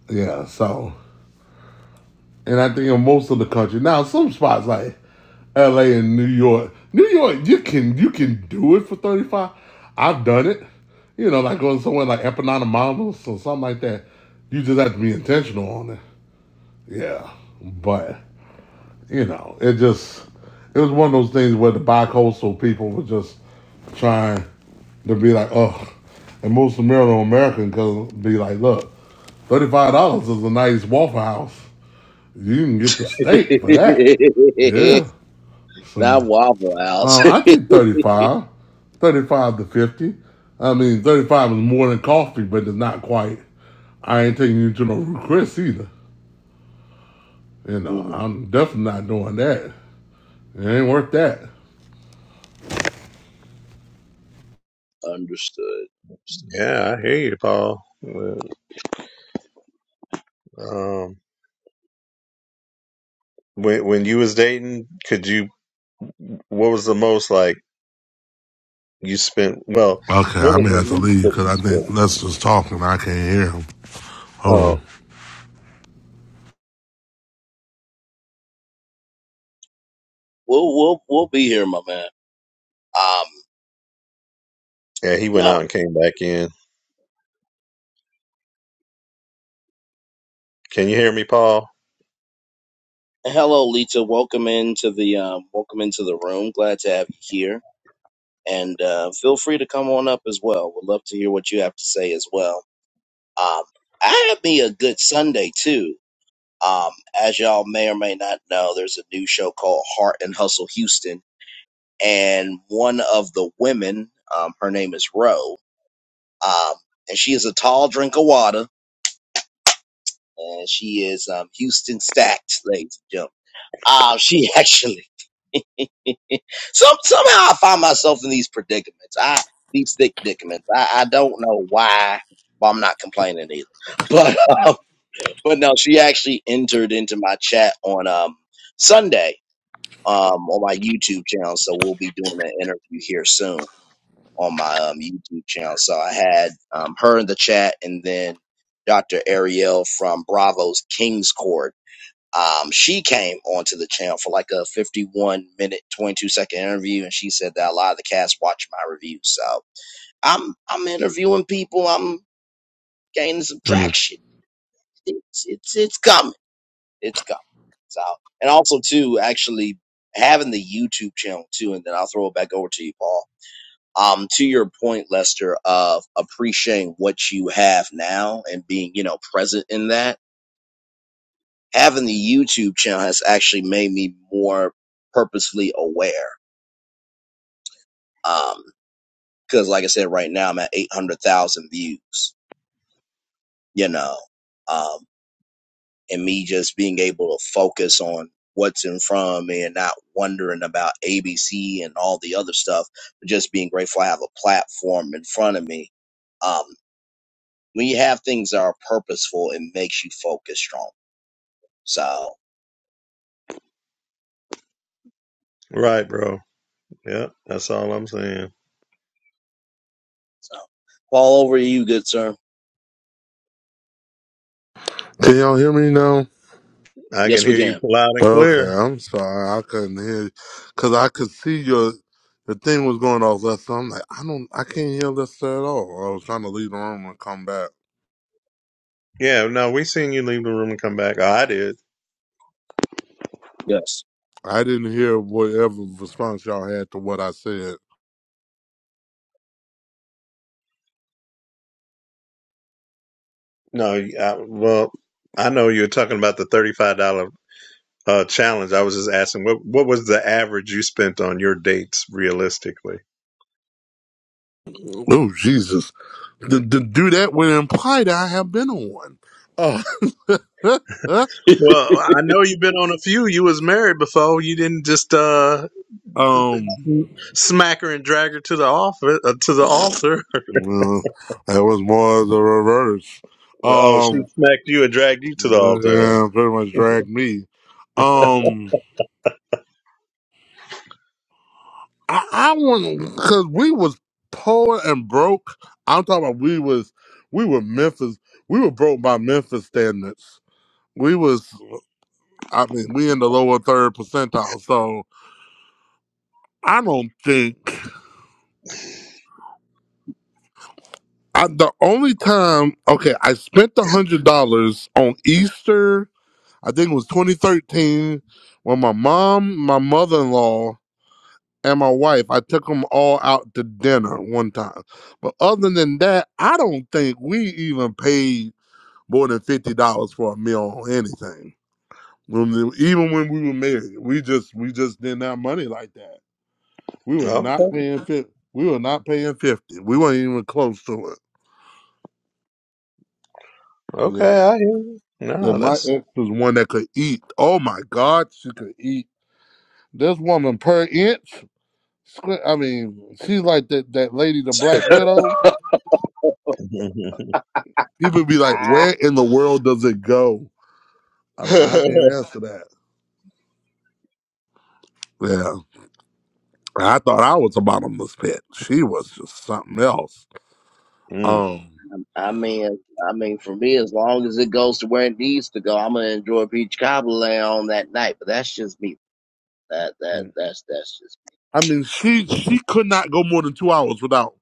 Speaker 5: Yeah, so and I think in most of the country now, some spots like L.A. and New York, New York, you can you can do it for thirty five. I've done it. You know, like going somewhere like Epinata Mamas or something like that. You just have to be intentional on it. Yeah, but you know, it just it was one of those things where the bicoastal people were just trying to be like, oh, and most American American could be like, look, thirty five dollars is a nice Waffle House. You can get the steak for that.
Speaker 1: (laughs)
Speaker 5: Yeah.
Speaker 1: Not
Speaker 5: So
Speaker 1: Waffle House.
Speaker 5: um, I
Speaker 1: (laughs)
Speaker 5: think 35, 35 to 50. I mean, 35 is more than coffee, but it's not quite. I ain't taking you to no Ruth Chris either. You know,
Speaker 1: hmm
Speaker 5: I'm definitely not doing that. It ain't worth that.
Speaker 1: Understood. Understood.
Speaker 4: Yeah, I hear you, Paul. Well, Um, when, when you was dating, could you, what was the most like you spent, well,
Speaker 5: Okay,
Speaker 4: what
Speaker 5: I
Speaker 4: was
Speaker 5: may have
Speaker 4: the
Speaker 5: to
Speaker 4: least
Speaker 5: leave
Speaker 4: that
Speaker 5: because
Speaker 4: you
Speaker 5: I think
Speaker 4: spent?
Speaker 5: that's just talking. I can't hear him. Hold
Speaker 4: Oh,
Speaker 5: on.
Speaker 1: We'll we'll we'll be here, my man. Um,
Speaker 4: yeah, he went
Speaker 1: no.
Speaker 4: out and came back in. Can you hear me, Paul?
Speaker 1: Hello, Lita. Welcome into the um, welcome into the room. Glad to have you here, and uh, feel free to come on up as well. We'd love to hear what you have to say as well. Um, I had me a good Sunday too. Um, as y'all may or may not know, there's a new show called Heart and Hustle Houston, and one of the women, um, her name is Ro. Um, and she is a tall drink of water, and she is um, Houston stacked, ladies and gentlemen. Uh, she (laughs) actually some somehow I find myself in these predicaments. I these thick predicaments. I, I don't know why, but I'm not complaining either. (laughs) But um, but no, she actually entered into my chat on um Sunday um on my YouTube channel, so we'll be doing an interview here soon. on my um, YouTube channel. So I had um, her in the chat, and then Dr. Ariel from Bravo's King's Court. Um, she came onto the channel for like a 51 minute, 22 second interview, and she said that a lot of the cast watch my reviews. So I'm I'm interviewing people. I'm gaining some traction. It's it's it's coming. It's coming. So and also too, actually having the YouTube channel too, and then I'll throw it back over to you, Paul um, to your point, Lester, of appreciating what you have now and being, you know, present in that, having the YouTube channel has actually made me more purposefully aware. Um, cause like I said, right now I'm at 800,000 views, you know, um, and me just being able to focus on what's in front of me and not wondering about ABC and all the other stuff, but just being grateful I have a platform in front of me Um. when you have things that are purposeful, it makes you focus strong. So,
Speaker 4: Right, bro. Yeah, that's all I'm saying.
Speaker 1: so fall over to you, good sir.
Speaker 5: Can y'all hear me now?
Speaker 4: I can
Speaker 1: Yes, we
Speaker 4: hear you
Speaker 1: can.
Speaker 4: loud and
Speaker 5: Okay,
Speaker 4: clear.
Speaker 5: I'm sorry. I couldn't hear you because I could see your the thing was going off left. So I'm like, I don't, I can't hear this at all. I was trying to leave the room and come back.
Speaker 4: Yeah, no, we seen you leave the room and come back. Oh, I did.
Speaker 1: Yes.
Speaker 5: I didn't hear whatever response y'all had to what I said.
Speaker 4: No, I, well, I know you were talking about the $35 uh, challenge. I was just asking, what what was the average you spent on your dates realistically?
Speaker 5: Oh Jesus! to the do that would imply that I have been on one. Uh,
Speaker 4: Well, I know you've been on a few. You was married before. You didn't just uh,
Speaker 5: (laughs) um.
Speaker 4: smack her and drag her to the office uh, to the altar.
Speaker 5: Yeah, that was more of the reverse.
Speaker 4: Oh, she
Speaker 5: Um,
Speaker 4: smacked you and dragged you to the altar.
Speaker 5: yeah, pretty much dragged me. Um, I, I want because we was poor and broke. I'm talking about we was we were Memphis. We were broke by Memphis standards. We was I mean we in the lower third percentile. So I don't think I, the only time okay I spent the hundred dollars on Easter I think it was 2013 when my mom, my mother in law, and my wife, I took them all out to dinner one time. But other than that, I don't think we even paid more than fifty dollars for a meal or anything. When even when we were married, we just we just didn't have money like that. We was not
Speaker 4: Okay,
Speaker 5: paying fifty. We were not paying fifty. We weren't even close to it. Yeah.
Speaker 4: okay, I hear. No,
Speaker 5: And my
Speaker 4: that's.
Speaker 5: ex was one that could eat. Oh my God, she could eat. This woman per inch. Squ- I mean, she's like that that lady, the Black
Speaker 1: (laughs)
Speaker 5: Widow.
Speaker 4: (laughs)
Speaker 5: People be like,
Speaker 1: I,
Speaker 5: "Where in the world does it go?" I'm like, I can't answer that. Yeah, I thought I was a bottomless pit. She was just something else.
Speaker 4: mm,
Speaker 5: Um,
Speaker 1: I mean, I mean, for me, as long as it goes to where it needs to go, I'm gonna enjoy peach cobbler on that night. But that's just me. That that that's that's just
Speaker 5: I mean, she she could not go more than two hours without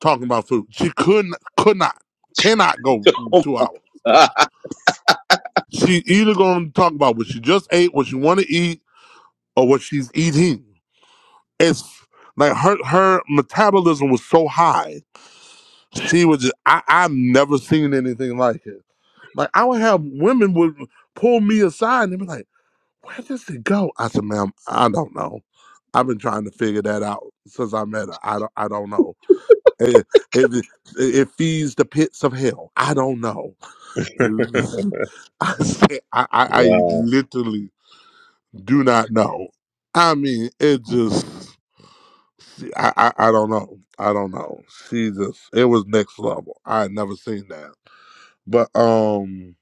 Speaker 5: talking about food. She could not could not cannot go
Speaker 1: me.
Speaker 5: two hours.
Speaker 1: (laughs)
Speaker 5: She either going to talk about what she just ate, what she want to eat, or what she's eating. It's like her her metabolism was so high She was just, I, I've never seen anything like it. Like I would have women would pull me aside and they'd be like, "Where does it go?" I said, "Ma'am, I don't know. I've been trying to figure that out since I met her. I don't, I don't know. It, it, it feeds the pits of hell. I don't know."
Speaker 4: (laughs)
Speaker 5: (laughs) I said, I, I, I
Speaker 4: wow.
Speaker 5: literally do not know. I mean, it just, I, I, I don't know. I don't know. She just, it was next level. I had never seen that. But um,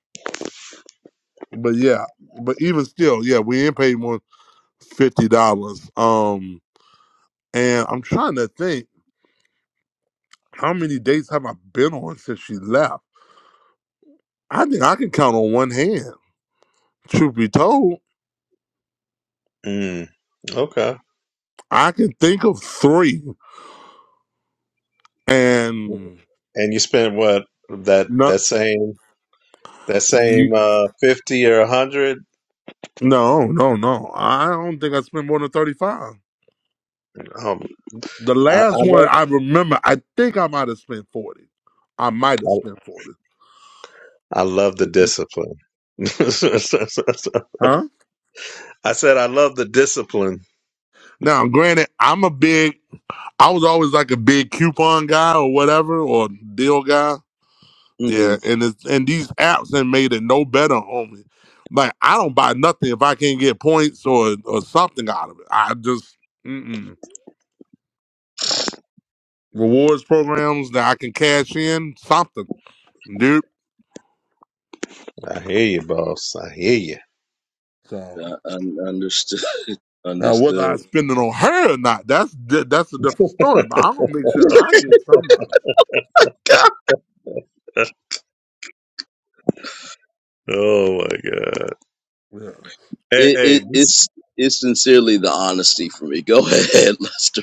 Speaker 5: but yeah, but even still, yeah, we ain't paid more than fifty dollars. Um, and I'm trying to think how many dates have I been on since she left. I think I can count on one hand. Truth be told,
Speaker 4: Mm, okay.
Speaker 5: I can think of three. And
Speaker 4: And you spent what that
Speaker 5: no,
Speaker 4: that same that same
Speaker 5: ye-
Speaker 4: uh, fifty or a hundred?
Speaker 5: no, no, no. I don't think I spent more than thirty five.
Speaker 4: Um,
Speaker 5: The
Speaker 4: I, I
Speaker 5: last
Speaker 4: love.
Speaker 5: one I remember, I think I might have spent forty. I might have
Speaker 4: I,
Speaker 5: spent forty.
Speaker 4: I love the discipline. (laughs)
Speaker 5: Huh?
Speaker 4: I said, I love the discipline.
Speaker 5: Now, granted, I'm a big I was always like a big coupon guy or whatever or deal guy. Yeah,
Speaker 1: hmm
Speaker 5: and it's, and these apps have made it no better on me. Like I don't buy nothing if I can't get points or or something out of it. I just mm-mm. rewards programs that I can cash in something, dude.
Speaker 4: I hear you, boss. I hear you.
Speaker 5: So
Speaker 1: Uh, un- understood. (laughs)
Speaker 5: now whether I
Speaker 1: Understood.
Speaker 5: spend it on her or not, that's di- that's a different story. But I'm gonna make sure I get some out of
Speaker 4: (laughs) Oh my God!
Speaker 5: it. Yeah.
Speaker 4: Hey,
Speaker 1: It,
Speaker 4: hey
Speaker 1: it
Speaker 4: this,
Speaker 1: it's it's sincerely the honesty for me. Go (laughs) ahead, Lester.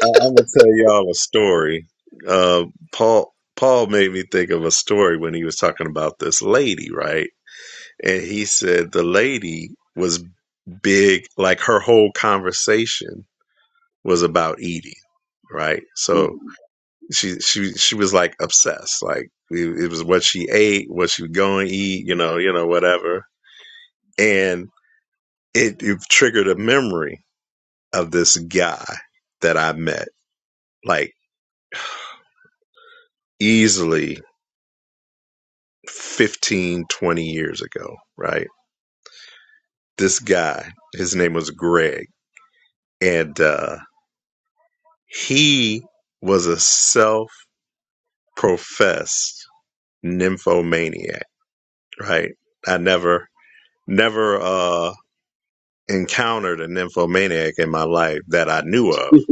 Speaker 4: I, I'm gonna tell y'all a story. Uh, Paul Paul made me think of a story when he was talking about this lady, right? And he said the lady was big, like her whole conversation was about eating, right? So
Speaker 1: Mm-hmm.
Speaker 4: she she she was like obsessed. Like it, it was what she ate, what she was going to eat, you know, you know, whatever. And it, it triggered a memory of this guy that I met like easily fifteen twenty years ago, right? This guy, his name was Greg, and uh, he was a self professed nymphomaniac, right? I never, never, uh. encountered a nymphomaniac in my life that I knew
Speaker 1: (laughs)
Speaker 4: of.
Speaker 1: I'm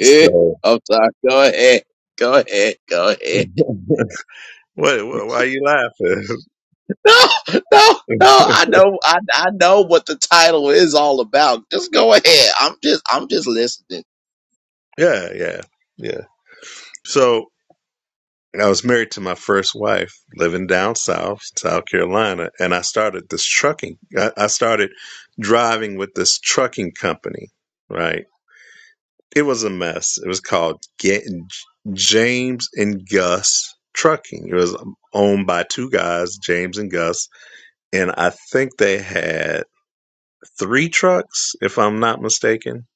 Speaker 4: So,
Speaker 1: sorry. Go ahead. Go ahead. Go
Speaker 4: (laughs)
Speaker 1: ahead.
Speaker 4: what, why are you laughing?
Speaker 1: (laughs) No, no,
Speaker 4: (laughs)
Speaker 1: no. I know. I, I know what the title is all about. Just go ahead. I'm just. I'm just listening.
Speaker 4: yeah, yeah, yeah. So, I was married to my first wife living down south, South Carolina, and I started this trucking. I, I started driving with this trucking company, right? It was a mess. It was called James and Gus Trucking. It was owned by two guys, James and Gus, and I think they had three trucks, if I'm not mistaken,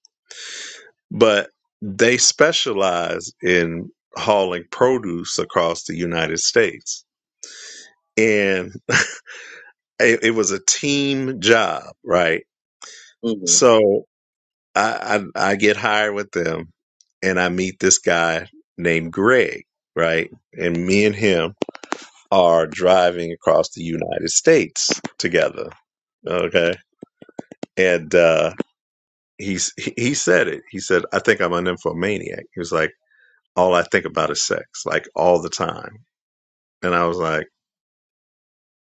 Speaker 4: but they specialize in hauling produce across the United States. And (laughs) it, it was a team job, right?
Speaker 1: hmm
Speaker 4: So I, I, I get hired with them and I meet this guy named Greg, right? And me and him are driving across the United States together. Okay. And, uh, he's, he he said it. He said, I think I'm an infomaniac. He was like, all I think about is sex, like all the time. And I was like,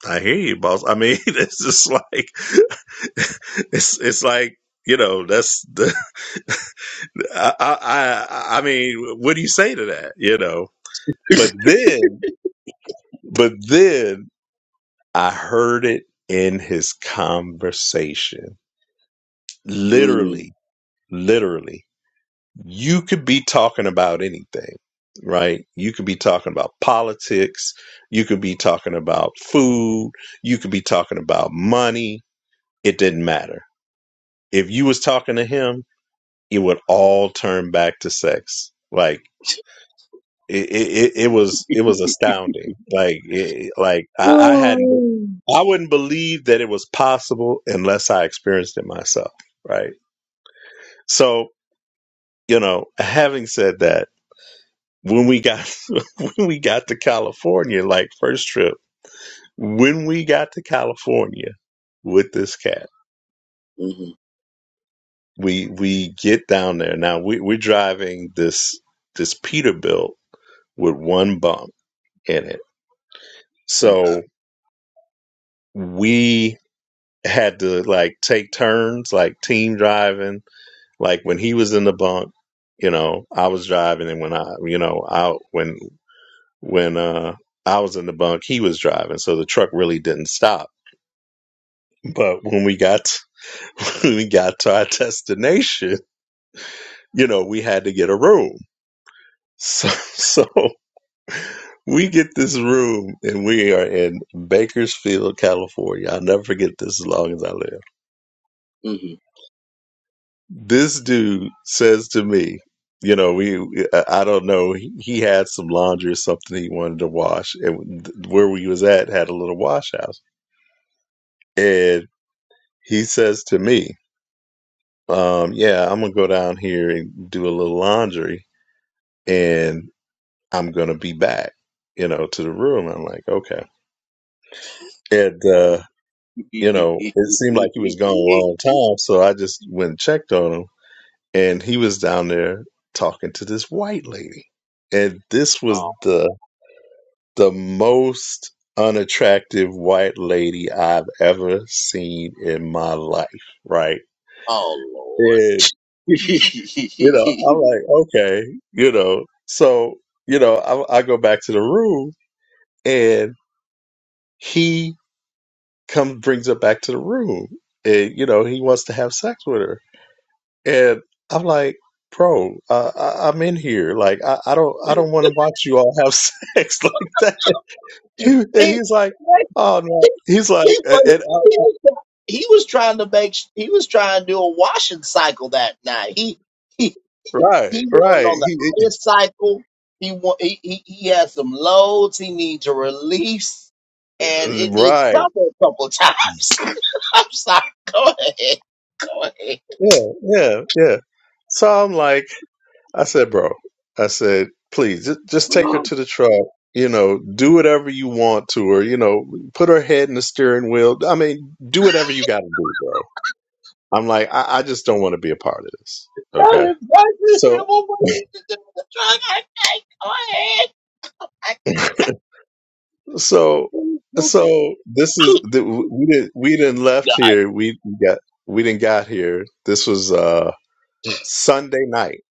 Speaker 4: I hear you, boss. I mean, (laughs) it's just like (laughs) it's it's like you know that's the (laughs) I I I I mean, what do you say to that? You know, but then but then I heard it in his conversation,
Speaker 1: Mm.
Speaker 4: literally, literally. you could be talking about anything, right? You could be talking about politics. You could be talking about food. You could be talking about money. It didn't matter. If you was talking to him, it would all turn back to sex. Like it, it, it it was, it was astounding. Like, it, like I, I hadn't, I wouldn't believe that it was possible unless I experienced it myself. Right. So, you know, having said that, when we got (laughs) when we got to California, like first trip, when we got to California with this cat,
Speaker 1: Mm-hmm.
Speaker 4: we we get down there. Now we, we're driving this this Peterbilt with one bunk in it. So we had to like take turns, like team driving. Like when he was in the bunk, you know, I was driving and when I you know, I when when uh I was in the bunk, he was driving. So the truck really didn't stop But when we got (laughs) when we got to our destination, you know, we had to get a room. So (laughs) so we get this room and we are in Bakersfield, California. I'll never forget this as long as I live. This dude says to me, you know, we I I don't know, he, he had some laundry or something he wanted to wash and where we was at had a little wash house. And he says to me, um, yeah, I'm going to go down here and do a little laundry and. I'm gonna be back, you know, to the room. I'm like, okay. And uh, you know, it seemed like he was gone a
Speaker 1: Mm-hmm.
Speaker 4: long time, so I just went and checked on him and he was down there talking to this white lady. And this
Speaker 1: (laughs)
Speaker 4: was
Speaker 1: oh,
Speaker 4: the the most unattractive white lady I've ever seen in my life, right?
Speaker 1: oh,
Speaker 4: And
Speaker 1: Lord.
Speaker 4: you know, I'm like, okay, you know. So, you know, I, I go back to the room and he. come brings her back to the room and you know he wants to have sex with her and i'm like bro uh, I, i'm in here like i, I don't i don't want to watch you all have (laughs) sex like that and he's like
Speaker 1: (laughs) (laughs)
Speaker 4: oh
Speaker 1: He,
Speaker 4: no he's like
Speaker 1: he
Speaker 4: uh,
Speaker 1: was,
Speaker 4: and I,
Speaker 1: he, was, he was trying to make he was trying to do a washing cycle that night. He he
Speaker 4: right
Speaker 1: he went
Speaker 4: right
Speaker 1: on the
Speaker 4: he,
Speaker 1: highest cycle. He wa- he he, he had some loads he needed to release, and it did
Speaker 4: right
Speaker 1: double a couple times. (laughs) I'm sorry. Go ahead. Go ahead.
Speaker 4: yeah yeah yeah so i'm like I said, bro, I said, please just, just take her
Speaker 1: (gasps)
Speaker 4: to the truck, you know, do whatever you want to her, you know, put her head in the steering wheel. I mean, do whatever you got to do, bro. I'm like, I, I just don't want to be a part of this. Okay.
Speaker 1: That is what you to
Speaker 4: So,
Speaker 1: do with the drug. I can't. Go ahead. I
Speaker 4: so,
Speaker 1: can't. (laughs) Okay.
Speaker 4: so this is the, we didn't, we didn't left
Speaker 1: (coughs)
Speaker 4: here. We got, we didn't got here. This was, uh, Sunday night,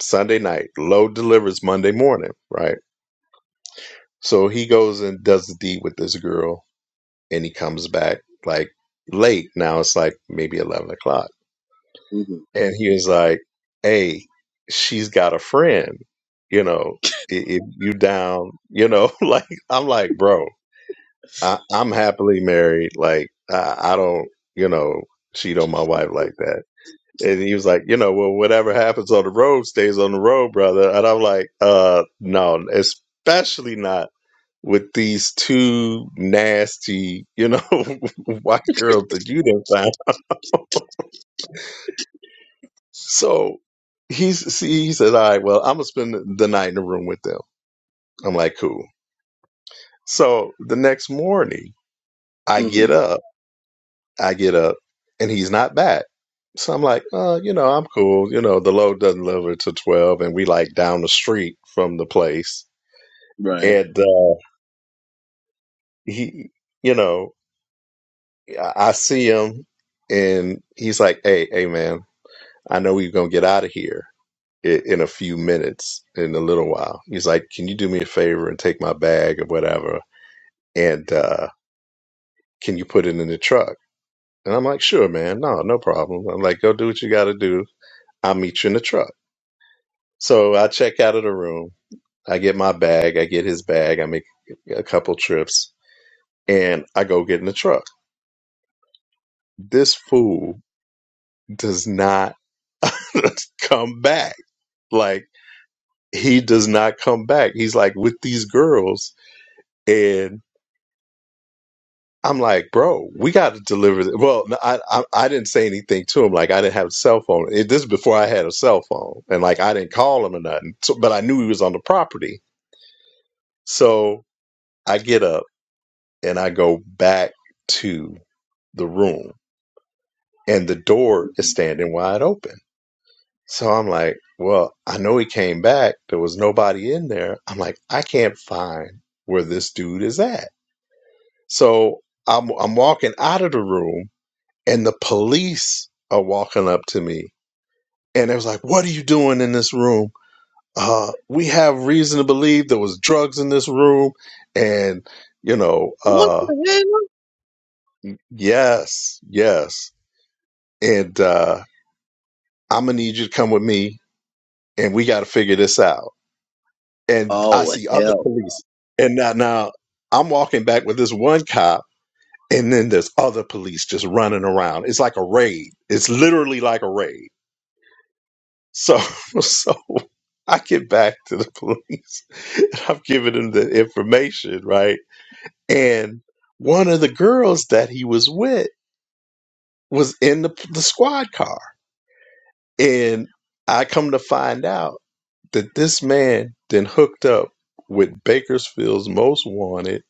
Speaker 4: Sunday night, load delivers Monday morning. Right. So he goes and does the deed with this girl and he comes back like late. Now it's like maybe eleven o'clock,
Speaker 1: mm hmm
Speaker 4: and he was like, "Hey, she's got a friend, you know. If you down, you know, (laughs) like I'm like, bro, I, I'm happily married. Like I, I don't, you know, cheat on my wife like that." And he was like, you know, well, whatever happens on the road stays on the road, brother. And I'm like, uh, no, especially not with these two nasty, you know, (laughs) white girls that you didn't find. So he's see, he says, All right, well, I'm gonna spend the night in the room with them. I'm like, cool. So the next morning I get
Speaker 1: hmm
Speaker 4: up, I get up, and he's not back. So I'm like, uh, you know, I'm cool. You know, the load doesn't deliver till twelve and we like down the street from the place.
Speaker 1: Right.
Speaker 4: And uh he you know, I I see him and he's like, Hey, hey man, I know we're going to get out of here in, in a few minutes, in a little while. He's like, Can you do me a favor and take my bag or whatever? And uh, can you put it in the truck? And I'm like, Sure, man. No, no problem. I'm like, Go do what you got to do. I'll meet you in the truck. So I check out of the room. I get my bag. I get his bag. I make a couple trips and I go get in the truck. This fool does not (laughs) come back. Like, he does not come back. He's like with these girls and. I'm like, bro, we got to deliver. This. Well, no, I, I I didn't say anything to him. Like I didn't have a cell phone. It, this is before I had a cell phone, and like I didn't call him or nothing. So, but I knew he was on the property. So I get up and I go back to the room, and the door is standing wide open. So I'm like, well, I know he came back. There was nobody in there. I'm like, I can't find where this dude is at. So I'm I'm walking out of the room and the police are walking up to me and it was like what are you doing in this room uh we have reason to believe there was drugs in this room and you know
Speaker 1: What
Speaker 4: uh
Speaker 1: the
Speaker 4: yes yes and uh i'm gonna need you to come with me and we gotta figure this out
Speaker 1: hell?
Speaker 4: and i
Speaker 1: Oh
Speaker 4: see other
Speaker 1: hell!
Speaker 4: police and now, now i'm walking back with this one cop and then there's other police just running around it's like a raid it's literally like a raid So, (laughs) so I get back to the (laughs) police and I'm giving them the information, right? And one of the girls that he was with was in the, the squad car. And I come to find out that this man then hooked up with Bakersfield's most wanted.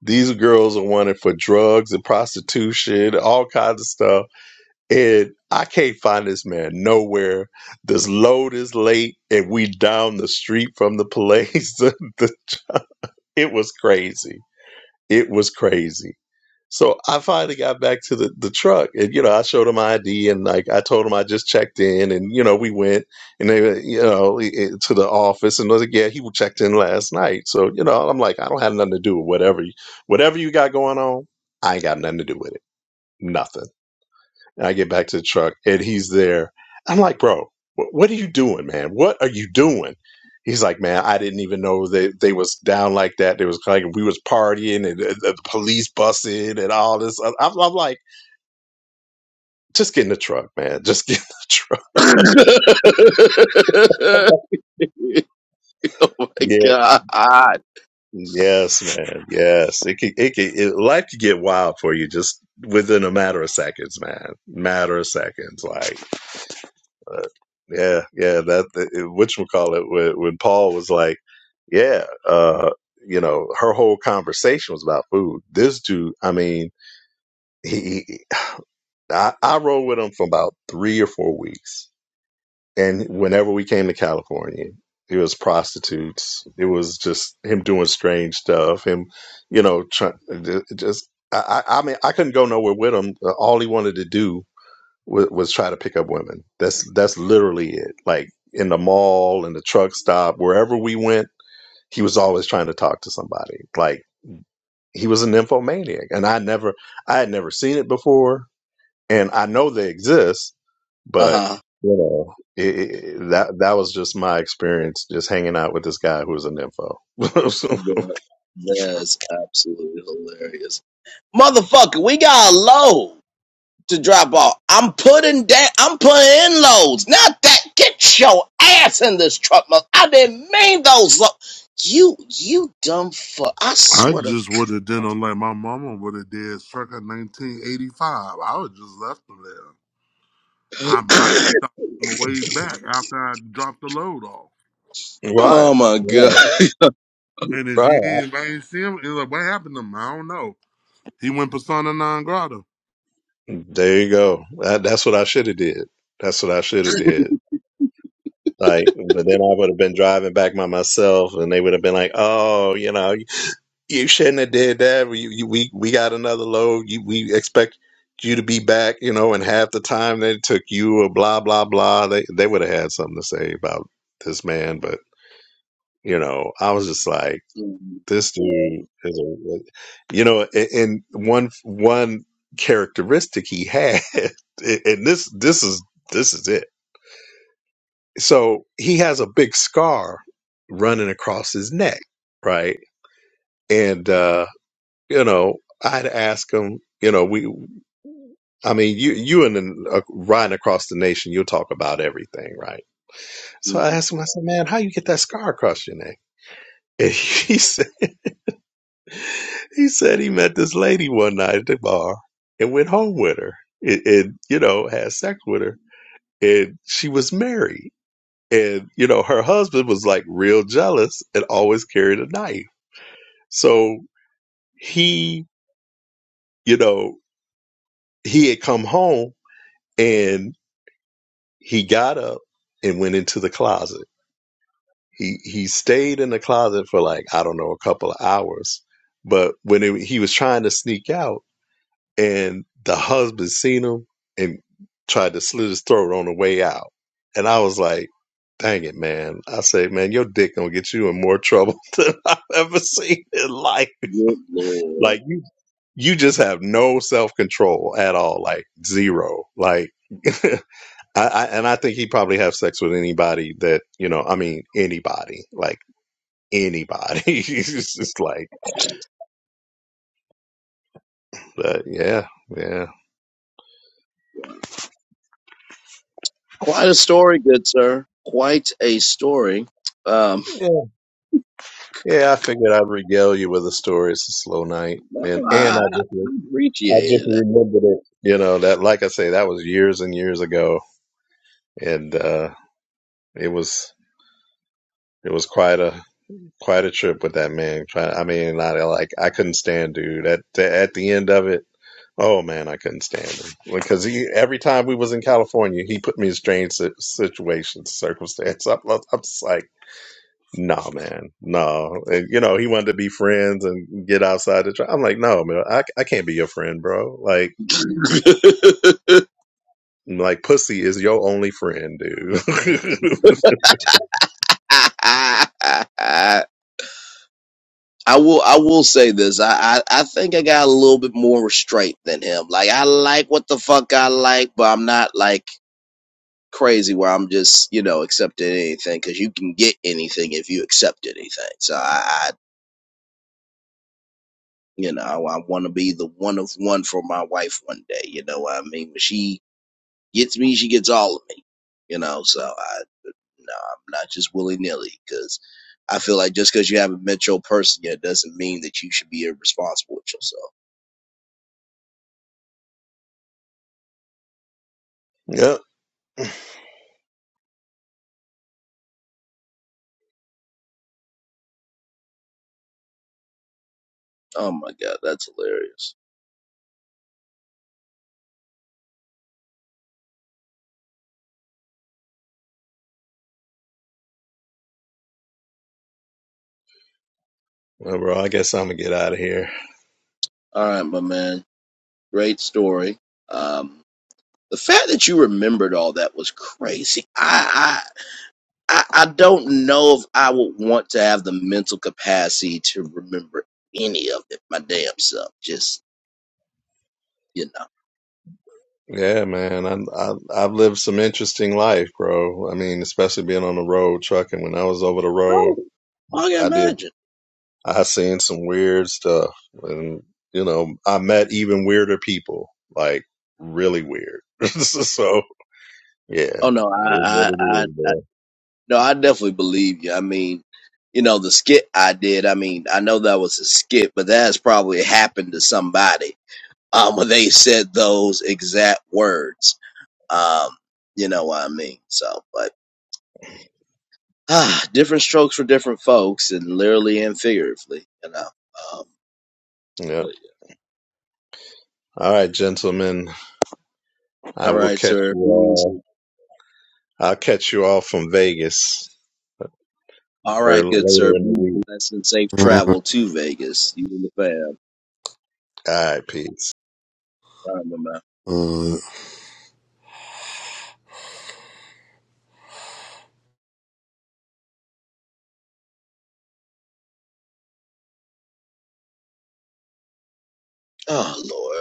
Speaker 4: These girls are wanted for drugs and prostitution, all kinds of stuff and I can't find this man nowhere. This load is late, and we down the street from the place. (laughs) The- the- it was crazy. It was crazy. So I finally got back to the, the truck, and you know I showed him my ID, and like I told him I just checked in, and you know we went, and they were, you know i- i- to the office, and I was like, yeah, he checked in last night. So you know I'm like I don't have nothing to do with whatever, you- whatever you got going on. I ain't got nothing to do with it. Nothing. And I get back to the truck and he's there. I'm like, bro, wh- what are you doing, man? What are you doing? He's like, man, I didn't even know they, they was down like that. They was like, we was partying and the, the police busted and all this. I'm, I'm like, just get in the truck, man. (laughs) Just get in the (laughs) truck.
Speaker 1: (laughs) oh my
Speaker 4: Yeah.
Speaker 1: god!
Speaker 4: Yes, man. Yes. It can, it can, it, life can get wild for you just within a matter of seconds, man. Matter of seconds. Like, But yeah, yeah, that which we call it when, when Paul was like, yeah, uh, you know, her whole conversation was about food. This dude, I mean, he, he I, I rode with him for about three or four weeks, and whenever we came to California. It was prostitutes. It was just him doing strange stuff. Him, you know, trying just. I, I I mean, I couldn't go nowhere with him. Uh, All he wanted to do was, was try to pick up women. That's that's literally it. Like in the mall, in the truck stop, wherever we went, he was always trying to talk to somebody. Like he was a nymphomaniac, and I never, I had never seen it before, and I know they exist,
Speaker 1: Uh
Speaker 4: but
Speaker 1: huh.
Speaker 4: you know, it, it, that that was just my experience, just hanging out with this guy who was a nympho. (laughs)
Speaker 1: That, that's absolutely hilarious, motherfucker. We got a load to drop off. I'm putting that. I'm putting in loads. Not that. Get your ass in this truck, mother. I didn't mean those. Lo- you, you dumb fuck. I
Speaker 5: I
Speaker 1: swear to.
Speaker 5: just would have done on like my mama would have did circa 1985. I would just left them there. I might
Speaker 1: (laughs)
Speaker 5: stop on the way back after I dropped the load off.
Speaker 4: right,
Speaker 1: oh my god.
Speaker 4: right,
Speaker 1: (laughs)
Speaker 5: And if he ain't,
Speaker 4: right.
Speaker 5: if I ain't see him, it's like, what happened to him? I don't know. He went persona non grata.
Speaker 4: There you go. That, that's what I should have did. That's what I should have did. Like, but then I would have been driving back by myself, and they would have been like, "Oh, you know, you shouldn't have did that. We you, we we got another load. You, we expect you to be back, you know, and half the time that it took you, or blah blah blah." They they would have had something to say about this man, but you know, I was just like,
Speaker 1: Mhm.
Speaker 4: "This dude is a," you know, a- and one one characteristic he had, (laughs) and this this is this is it so he has a big scar running across his neck right and uh you know i'd ask him you know we i mean you you and then, uh, riding across the nation you'll talk about everything right so i
Speaker 1: Mhm.
Speaker 4: asked him i said man how you get that scar across your neck and (laughs) he said he said he met this lady one night at the bar and went home with her and, and you know had sex with her and she was married and you know her husband was like real jealous and always carried a knife So he, you know, he had come home and he got up and went into the closet. He he stayed in the closet for like I don't know a couple of hours, but when it, he was trying to sneak out, and the husband seen him and tried to slit his throat on the way out, and I was like, "Dang it, man!" I say, "Man, your dick gonna get you in more trouble (laughs) than I've ever seen in life."
Speaker 1: Good lord.
Speaker 4: Like you just have no self control at all, like zero. Like, (laughs) I, I and I think he probably have sex with anybody that you know. I mean, anybody, like anybody. (laughs) it's just like, but yeah, yeah,
Speaker 1: Quite a story, good sir. Quite a story. Um,
Speaker 4: yeah. Yeah, I figured I'd regale you with a story. It's a slow night,
Speaker 1: well,
Speaker 4: and and
Speaker 1: I
Speaker 4: I just I just
Speaker 1: appreciate
Speaker 4: remembered it. You know that, like I say, that was years and years ago, and uh it was it was quite a quite a trip with that man. Try, I mean, I like I couldn't stand dude. At at the end of it, oh man, I couldn't stand him because he every time we was in California, he put me in strange si- situations, circumstance. I'm, I'm just like, nah, man, no. And, you know, he wanted to be friends and get outside the. Tri- I'm like, no, man, I I can't be your friend, bro. Like.
Speaker 1: it.
Speaker 4: Like pussy is your only friend,
Speaker 5: I
Speaker 4: dude.
Speaker 5: can't
Speaker 4: (laughs)
Speaker 5: go
Speaker 1: (laughs) I will. I will say this. I, I I think I got a little bit more restraint than him. Like I like what the fuck I like, but I'm not like crazy where I'm just you know accepting anything because you can get anything if you accept anything. So I, I you know I want to be the one of one for my wife one day. You know what I mean? When she gets me, she gets all of me. You know, so I no, I'm not just willy nilly because I feel like just because you haven't met your person yet doesn't mean that you should be irresponsible with yourself.
Speaker 4: Yep.
Speaker 1: Oh my god, that's hilarious.
Speaker 4: Well, bro, I guess I'm gonna get out of here.
Speaker 1: All right, my man, great story. Um, the fact that you remembered all that was crazy. I I I I don't know if I would want to have the mental capacity to remember any of it. My damn self, just you know.
Speaker 4: Yeah, man. I, I I've lived some interesting life, bro. I mean, especially being on the road trucking. When I was over the road,
Speaker 1: Oh, I can
Speaker 4: I did.
Speaker 1: imagine.
Speaker 4: I seen some weird stuff, and you know, I met even weirder people, like really weird. (laughs) so yeah,
Speaker 1: Oh no,
Speaker 4: it
Speaker 1: I,
Speaker 4: is what
Speaker 1: I,
Speaker 4: it
Speaker 1: I,
Speaker 4: is,
Speaker 1: I
Speaker 4: bro.
Speaker 1: no, I definitely believe you. I mean, you know, the skit I did. I mean, I know that was a skit, but that has probably happened to somebody um, when they said those exact words. Um, you know what I mean? So, but ah, different strokes for different folks, and literally and figuratively, you know. Um,
Speaker 4: Yep.
Speaker 1: but,
Speaker 4: All right, gentlemen,
Speaker 1: yeah.
Speaker 4: I
Speaker 1: all
Speaker 4: will
Speaker 1: right,
Speaker 4: catch
Speaker 1: sir.
Speaker 4: you
Speaker 1: Be
Speaker 4: all.
Speaker 1: easy.
Speaker 4: I'll catch you all from Vegas
Speaker 1: All
Speaker 4: or
Speaker 1: right, good sir.
Speaker 4: later in
Speaker 1: Be
Speaker 4: the week.
Speaker 1: blessed and safe
Speaker 5: to him.
Speaker 1: travel to Vegas. You and the fam.
Speaker 4: All right, peace.
Speaker 1: All right, my man.
Speaker 5: Uh, uh,
Speaker 1: Oh Lord.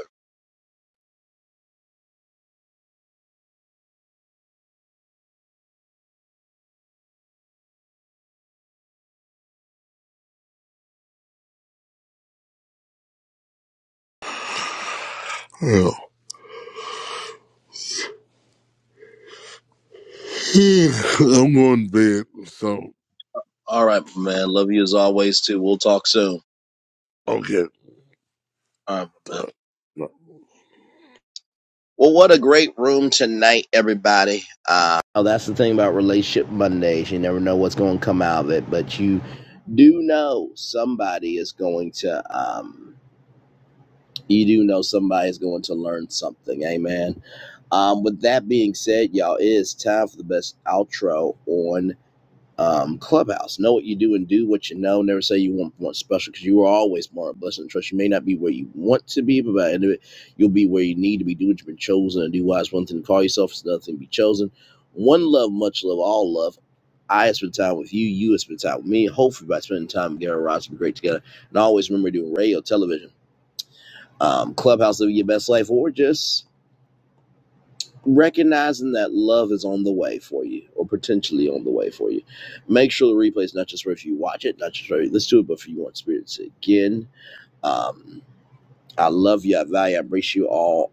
Speaker 5: hell. (laughs) (sighs) I'm going to bed. So,
Speaker 1: All right, my man. Love you as always, too. We'll talk soon.
Speaker 5: okay.
Speaker 1: All right, my
Speaker 5: Uh,
Speaker 1: man.
Speaker 5: no.
Speaker 1: Well, what a great room tonight, everybody. Uh, oh, that's the thing about Relationship Mondays. You never know what's going to come out of it, but you do know somebody is going to, um, you do know somebody is going to learn something. Amen. Um, with that being said, y'all, it is time for the best outro on um, clubhouse. Know what you do and do what you know. Never say you want want special because you are always more blessed and trust. You may not be where you want to be, but by the end of it, you'll be where you need to be. Do what you've been chosen and do wise. One thing to call yourself is another thing to be chosen. One love, much love, all love. I have spent time with you. You have spent time with me. Hopefully, by spending time together, Rods will be great together. And always remember doing radio, television, um, clubhouse, living your best life, or just recognizing that love is on the way for you or potentially on the way for you make sure the replay is not just for if you watch it not just for let's do it but for you on spirits again um i love you i value i embrace you all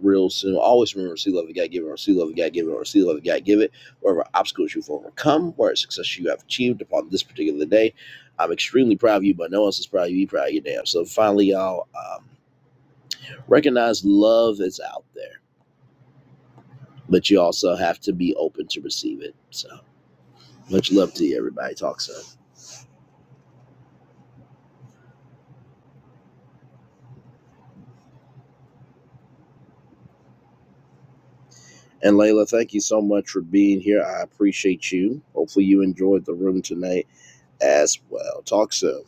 Speaker 1: real soon always remember see love you got to give it or see love you got to give it or see love you got to give it wherever obstacles you've overcome where success you have achieved upon this particular day i'm extremely proud of you but no one else is proud of you be proud of your damn so finally y'all um recognize love is out there but you also have to be open to receive it. So much love to you, everybody. Talk soon. And Layla, thank you so much for being here. I appreciate you. Hopefully, you enjoyed the room tonight as well. Talk soon.